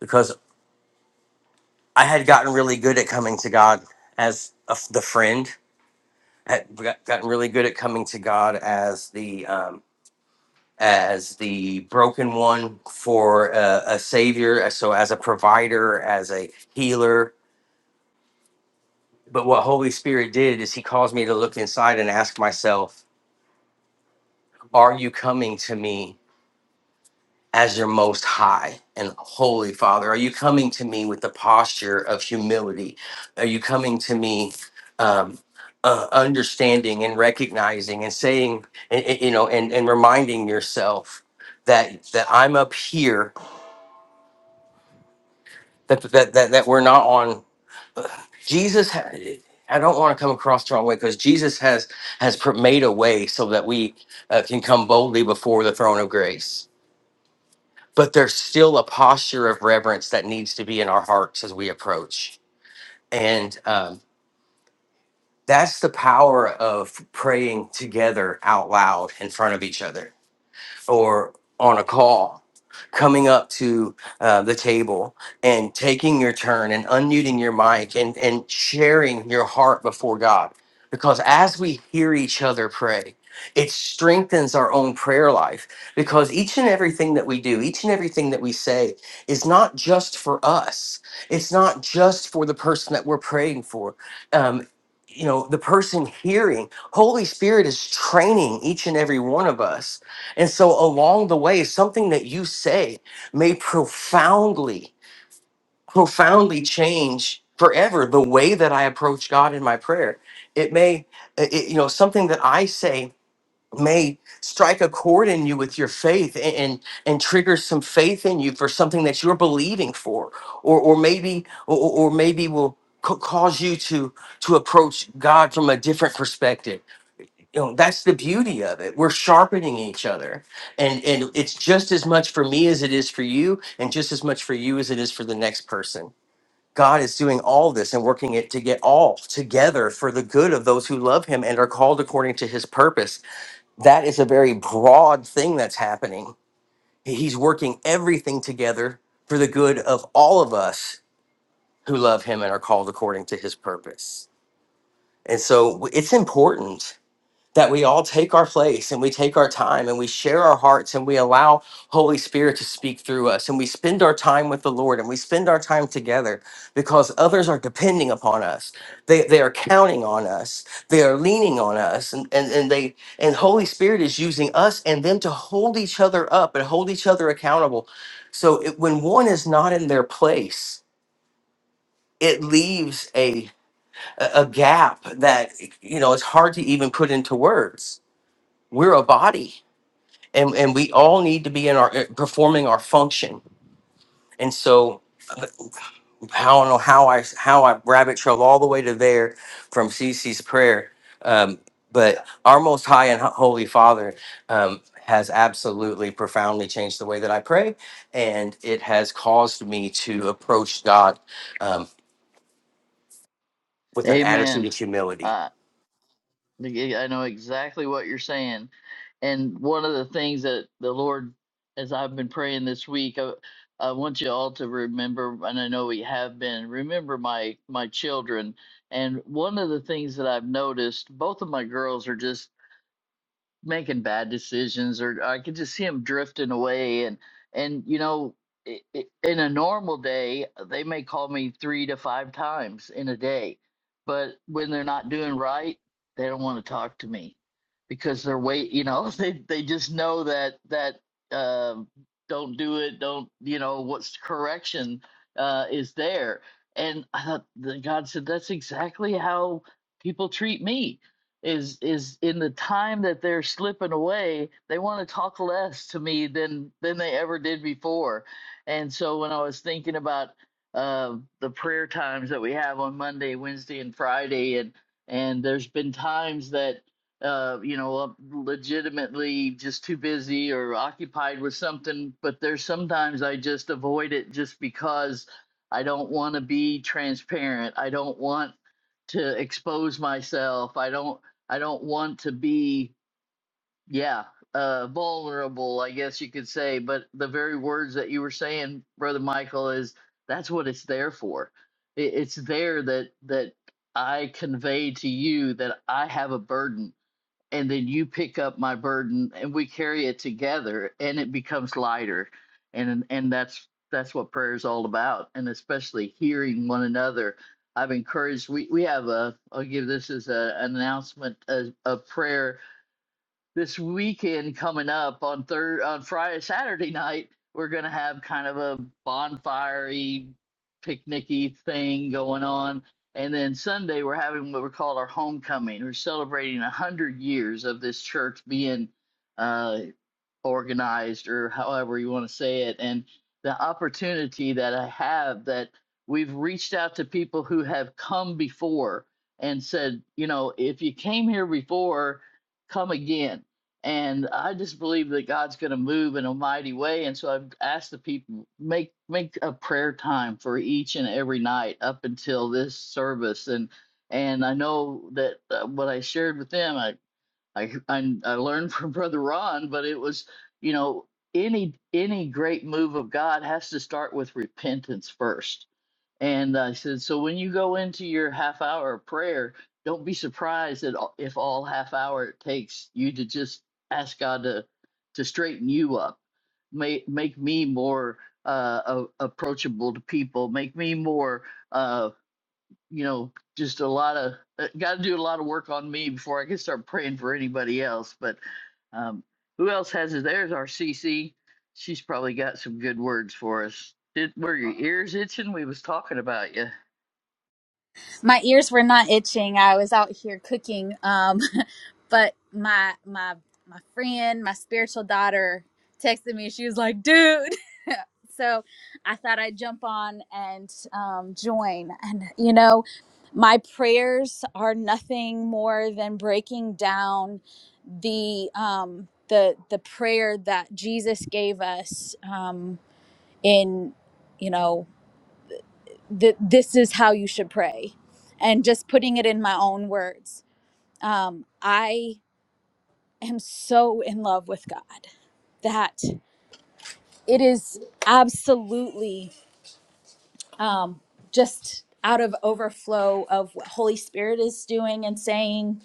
S7: because I had gotten really good at coming to God as a f the friend, had got- gotten really good at coming to God as the um, as the broken one for a, a savior, as- so as a provider, as a healer. But what Holy Spirit did is He caused me to look inside and ask myself, Are you coming to me as your most high and holy Father? Are you coming to me with the posture of humility? Are you coming to me? Um, uh, understanding and recognizing and saying and, and, you know and, and reminding yourself that that i'm up here that that that, that we're not on Jesus. ha- I don't want to come across the wrong way because Jesus has has pr- made a way so that we uh, can come boldly before the throne of grace. But there's still a posture of reverence that needs to be in our hearts as we approach, and um, that's the power of praying together out loud in front of each other or on a call, coming up to uh, the table and taking your turn and unmuting your mic and, and sharing your heart before God. Because as we hear each other pray, it strengthens our own prayer life because each and everything that we do, each and everything that we say is not just for us. It's not just for the person that we're praying for. Um, you know, the person hearing, Holy Spirit is training each and every one of us and so along the way, something that you say may profoundly, profoundly change forever the way that I approach God in my prayer. It may, it, it- you know, something that I say may strike a chord in you with your faith and, and and trigger some faith in you for something that you're believing for or or maybe or, or or maybe will ca- cause you to to approach God from a different perspective you know that's the beauty of it we're sharpening each other and and it's just as much for me as it is for you and just as much for you as it is for the next person god is doing all this and working it to get all together for the good of those who love him and are called according to his purpose that is a very broad thing that's happening he's working everything together for the good of all of us who love him and are called according to his purpose and so it's important that we all take our place and we take our time and we share our hearts and we allow Holy Spirit to speak through us and we spend our time with the Lord and we spend our time together because others are depending upon us. They, they are counting on us. They are leaning on us and, and, and they and Holy Spirit is using us and them to hold each other up and hold each other accountable. So it, when one is not in their place, it leaves a a a gap that you know it's hard to even put into words we're a body and, and we all need to be in our performing our function and so i don't know how i how i rabbit trailed all the way to there from Cece's prayer um, but our most high and holy father um, has absolutely profoundly changed the way that i pray and it has caused me to approach god um, with an attitude
S1: Amen.
S7: of humility
S1: Uh, Like, I I know exactly what you're saying. And one of the things that the Lord, as I've been praying this week, I, I want you all to remember, and I know we have been, remember my my children. And one of the things that I've noticed, both of my girls are just making bad decisions or I could just see him drifting away and and you know i i in a normal day uh, they may call me 3 to 5 times in a day but when they're not doing right they don't want to talk to me because they're wait you know (laughs) they they just know that that um don't do it don't you know what's correction uh is there and I thought that God said that's exactly how people treat me is is in the time that they're slipping away they want to talk less to me than than they ever did before and so when i was thinking about uh the prayer times that we have on monday wednesday and friday and and there's been times that uh you know I'm legitimately just too busy or occupied with something but there's sometimes i just avoid it just because i don't want to be transparent i don't want to expose myself. I don't I don't want to be, yeah, uh, vulnerable, I guess you could say. But the very words that you were saying, Brother Michael, is that's what it's there for. It, it's there that that I convey to you that I have a burden and then you pick up my burden and we carry it together and it becomes lighter and and that's that's what prayer is all about and especially hearing one another i've encouraged we we have a i'll give this as a, an announcement of, of prayer this weekend coming up on third on Friday Saturday night we're gonna have kind of a bonfirey picnicky thing going on and then Sunday we're having what we call our homecoming we're celebrating a hundred years of this church being uh organized or however you want to say it and the opportunity that i have that we've reached out to people who have come before and said you know if you came here before come again and i just believe that god's going to move in a mighty way and so i've asked the people make make a prayer time for each and every night up until this service and and i know that uh, what i shared with them I. I, (laughs) I I learned from Brother Ron, but it was, you know, any any great move of God has to start with repentance first. And I said, so when you go into your half hour of prayer, don't be surprised that all- if all half hour it takes you to just ask God to to straighten you up, make make me more uh, a- approachable to people, make me more. uh, you know, just a lot of uh, got to do a lot of work on me before I can start praying for anybody else. But um, who else has it? There's our CC. She's probably got some good words for us. Did were your ears itching? We was talking about you.
S8: my ears were not itching. I was out here cooking. Um, (laughs) but my my my friend, my spiritual daughter, texted me. She was like, "Dude." (laughs) so I thought I'd jump on and um, join. And you know, my prayers are nothing more than breaking down the um, the the prayer that Jesus gave us um, in you know that this is how you should pray and just putting it in my own words um, i am so in love with god that it is absolutely um, just out of overflow of what holy spirit is doing and saying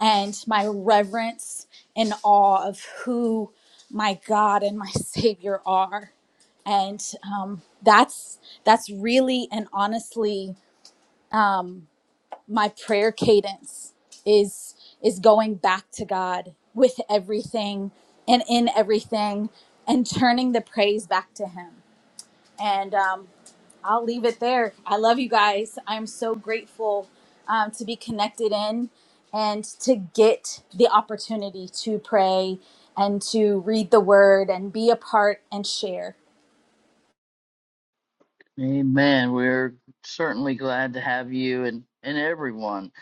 S8: and my reverence and awe of who my god and my (laughs) savior are and um, that's that's really and honestly um, my prayer cadence is is going back to God with everything and in everything and turning the praise back to him. And um I'll leave it there. I love you guys. I'm so grateful um, to be connected in and to get the opportunity to pray and to read the word and be a part and share.
S1: Amen. We're certainly glad to have you and, and everyone.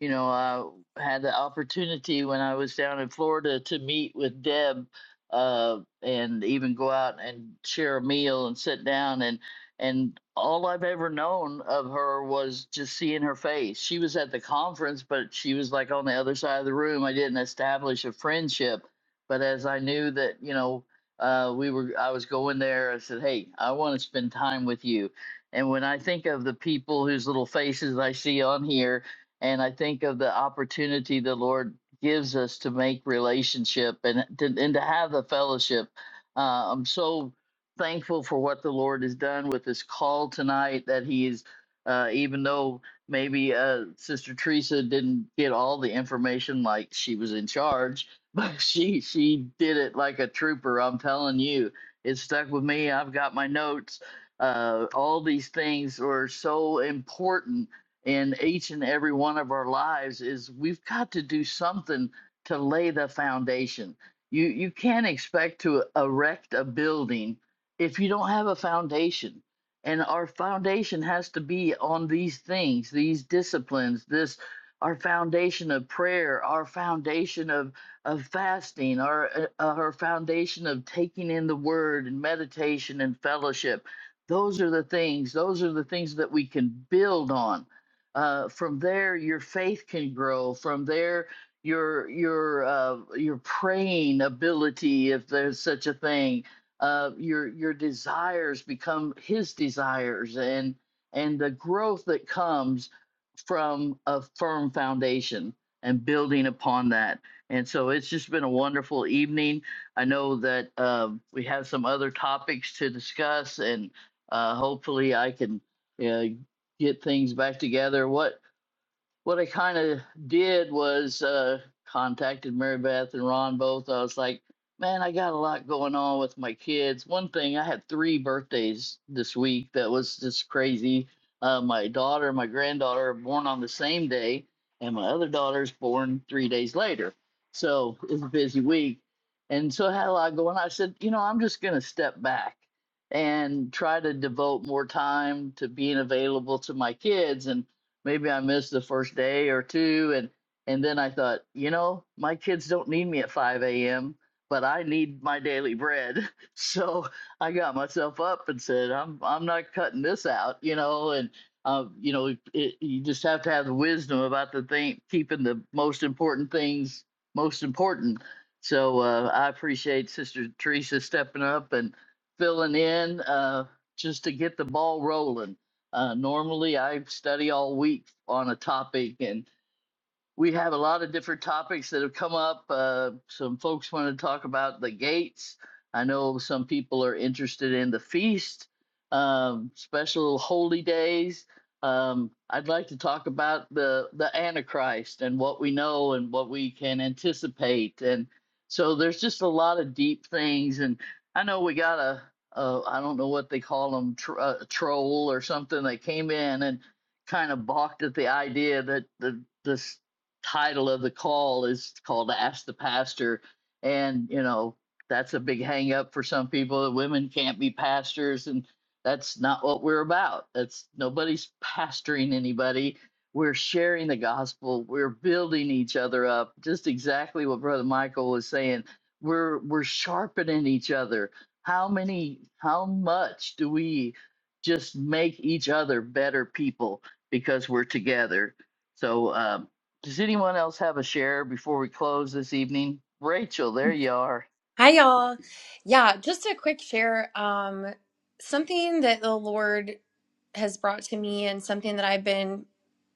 S1: You know, I had the opportunity when I was down in Florida to meet with Deb uh, and even go out and share a meal and sit down and and all I've ever known of her was just seeing her face. She was at the conference, but she was like on the other side of the room. I didn't establish a friendship, but as I knew that, you know, uh, we were I was going there. I said, "Hey, I want to spend time with you." And when I think of the people whose little faces I see on here, and I think of the opportunity the Lord gives us to make relationship and to, and to have the fellowship, uh, I'm so thankful for what the Lord has done with this call tonight. That He is, uh, even though maybe uh, Sister Teresa didn't get all the information like she was in charge (laughs) but she she did it like a trooper i'm telling you it stuck with me i've got my notes uh all these things are so important in each and every one of our lives is we've got to do something to lay the foundation you you can't expect to erect a building if you don't have a foundation and our foundation has to be on these things these disciplines this our foundation of prayer our foundation of of fasting or uh, uh, foundation of taking in the word and meditation and fellowship those are the things those are the things that we can build on uh, from there your faith can grow from there your your uh, your praying ability if there's such a thing uh, your your desires become his desires and and the growth that comes from a firm foundation and building upon that and so it's just been a wonderful evening. I know that um, we have some other topics to discuss, and uh, hopefully I can uh, get things back together. What what I kind of did was uh, contacted Mary Beth and Ron both. I was like, man, I got a lot going on with my kids. One thing, I had three birthdays this week that was just crazy. Uh, my daughter and my granddaughter are born on the same day, and my other daughter's born three days later. So it was a busy week. And so I had a lot going on. I said, you know, I'm just going to step back and try to devote more time to being available to my kids. And maybe I missed the first day or two and and then I thought, you know, my kids don't need me at 5 a.m., but I need my daily bread. (laughs) So I got myself up and said, I'm I'm not cutting this out, you know, and uh, you know, it, it, you just have to have the wisdom about the thing, keeping the most important things most important. So uh, I appreciate Sister Teresa stepping up and filling in uh, just to get the ball rolling uh, normally, I study all week on a topic, and we have a lot of different topics that have come up. Uh, some folks want to talk about the gates. I know some people are interested in the feast, um, special holy days. Um, I'd like to talk about the the Antichrist and what we know and what we can anticipate. And so there's just a lot of deep things. And I know we got a, a I don't know what they call them, tr- uh, a troll or something that came in and kind of balked at the idea that the this title of the call is called Ask the Pastor. And, you know, that's a big hang up for some people. Women can't be pastors. And that's not what we're about. That's nobody's pastoring anybody. We're sharing the gospel. We're building each other up. Just exactly what Brother Michael was saying. We're we're sharpening each other. How many, how much do we just make each other better people because we're together? So um, does anyone else have a share before we close this evening? Rachel, there you are.
S9: Hi, y'all. Yeah, just a quick share. Um, something that the Lord has brought to me, and something that I've been,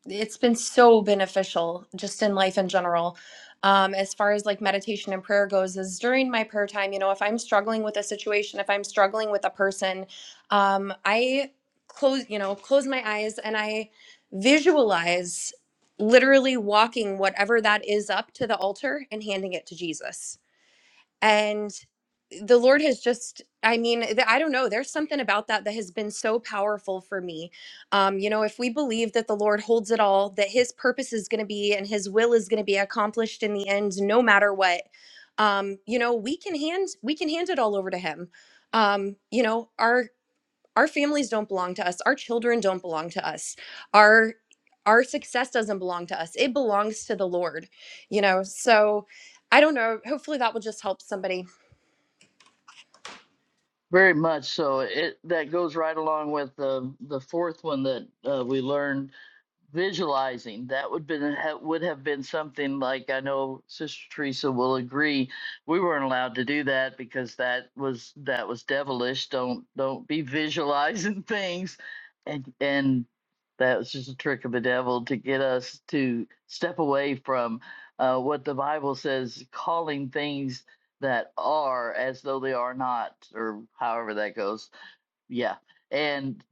S9: it's been so beneficial just in life in general. Um, as far as like meditation and prayer goes, is during my prayer time, you know, if I'm struggling with a situation, if I'm struggling with a person, um, I close, you know, close my eyes and I visualize literally walking whatever that is up to the altar and handing it to Jesus and the lord has just i mean th- i don't know there's something about that that has been so powerful for me um you know if we believe that the lord holds it all that his purpose is going to be and his will is going to be accomplished in the end no matter what um you know we can hand we can hand it all over to him um you know our our families don't belong to us our children don't belong to us our our success doesn't belong to us it belongs to the lord you know so i don't know hopefully that will just help somebody
S1: Very much so. It that goes right along with the the fourth one that uh, we learned visualizing that would been ha- would have been something like I know Sister Teresa will agree we weren't allowed to do that because that was that was devilish don't don't be visualizing (laughs) things and and that was just a trick of the devil to get us to step away from uh, what the Bible says calling things that are as though they are not or however that goes yeah and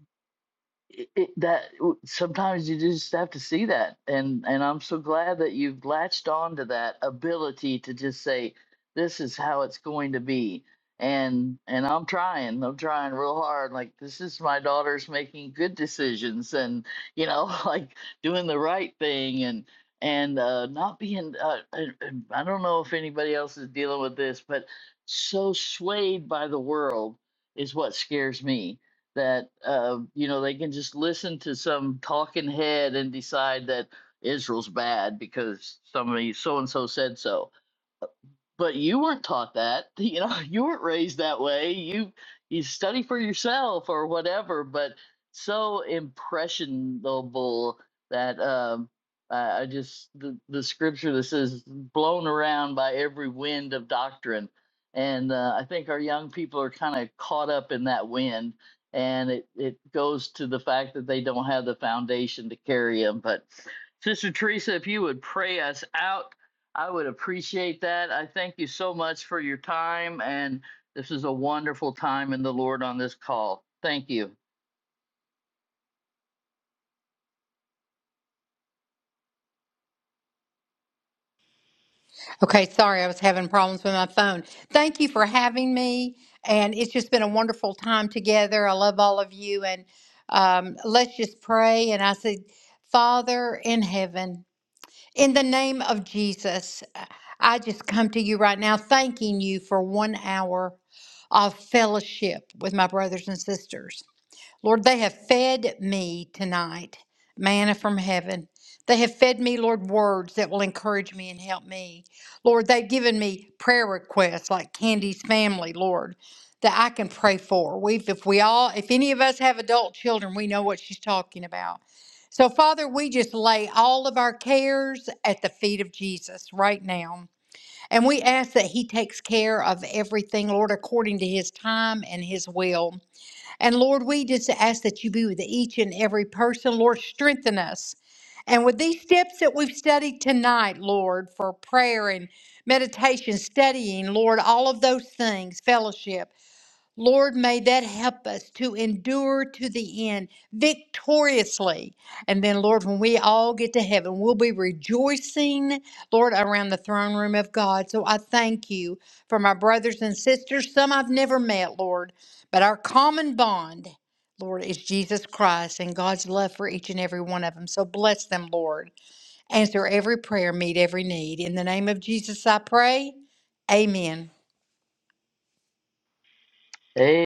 S1: it, it, that w- sometimes you just have to see that and and i'm so glad that you've latched on to that ability to just say this is how it's going to be and and i'm trying i'm trying real hard like this is my daughter's making good decisions and you know (laughs) like doing the right thing and and uh not being uh, i I don't know if anybody else is dealing with this but so swayed by the world is what scares me that uh, you know they can just listen to some talking head and decide that Israel's bad because somebody so and so said so but you weren't taught that (laughs) you know you weren't raised that way you you study for yourself or whatever but so impressionable that um i I just the, the scripture that says blown around by every wind of doctrine and uh, i think our young people are kind of caught up in that wind and it, it goes to the fact that they don't have the foundation to carry them but sister teresa if you would pray us out I would appreciate that. I thank you so much for your time, and this is a wonderful time in the Lord on this call. Thank you.
S3: Okay, sorry, I was having problems with my phone. Thank you for having me, and it's just been a wonderful time together. I love all of you, and um, let's just pray. And I said, Father in heaven, in the name of Jesus, I just come to you right now, thanking you for one hour of fellowship with my brothers and sisters. Lord, they have fed me tonight, manna from heaven. They have fed me, Lord, words that will encourage me and help me. Lord, they've given me prayer requests like Candy's family, Lord, that I can pray for. We've, if we all, if any of us have adult children, we know what she's talking about. So, Father, we just lay all of our cares at the feet of Jesus right now. And we ask that He takes care of everything, Lord, according to His time and His will. And Lord, we just ask that you be with each and every person. Lord, strengthen us. And with these steps that we've studied tonight, Lord, for prayer and meditation, studying, Lord, all of those things, fellowship. Lord, may that help us to endure to the end victoriously. And then, Lord, when we all get to heaven, we'll be rejoicing, Lord, around the throne room of God. So I thank you for my brothers and sisters, some I've never met, Lord, but our common bond, Lord, is Jesus Christ and God's love for each and every one of them. So bless them, Lord. Answer every prayer, meet every need. In the name of Jesus, I pray. Amen.
S1: Amen.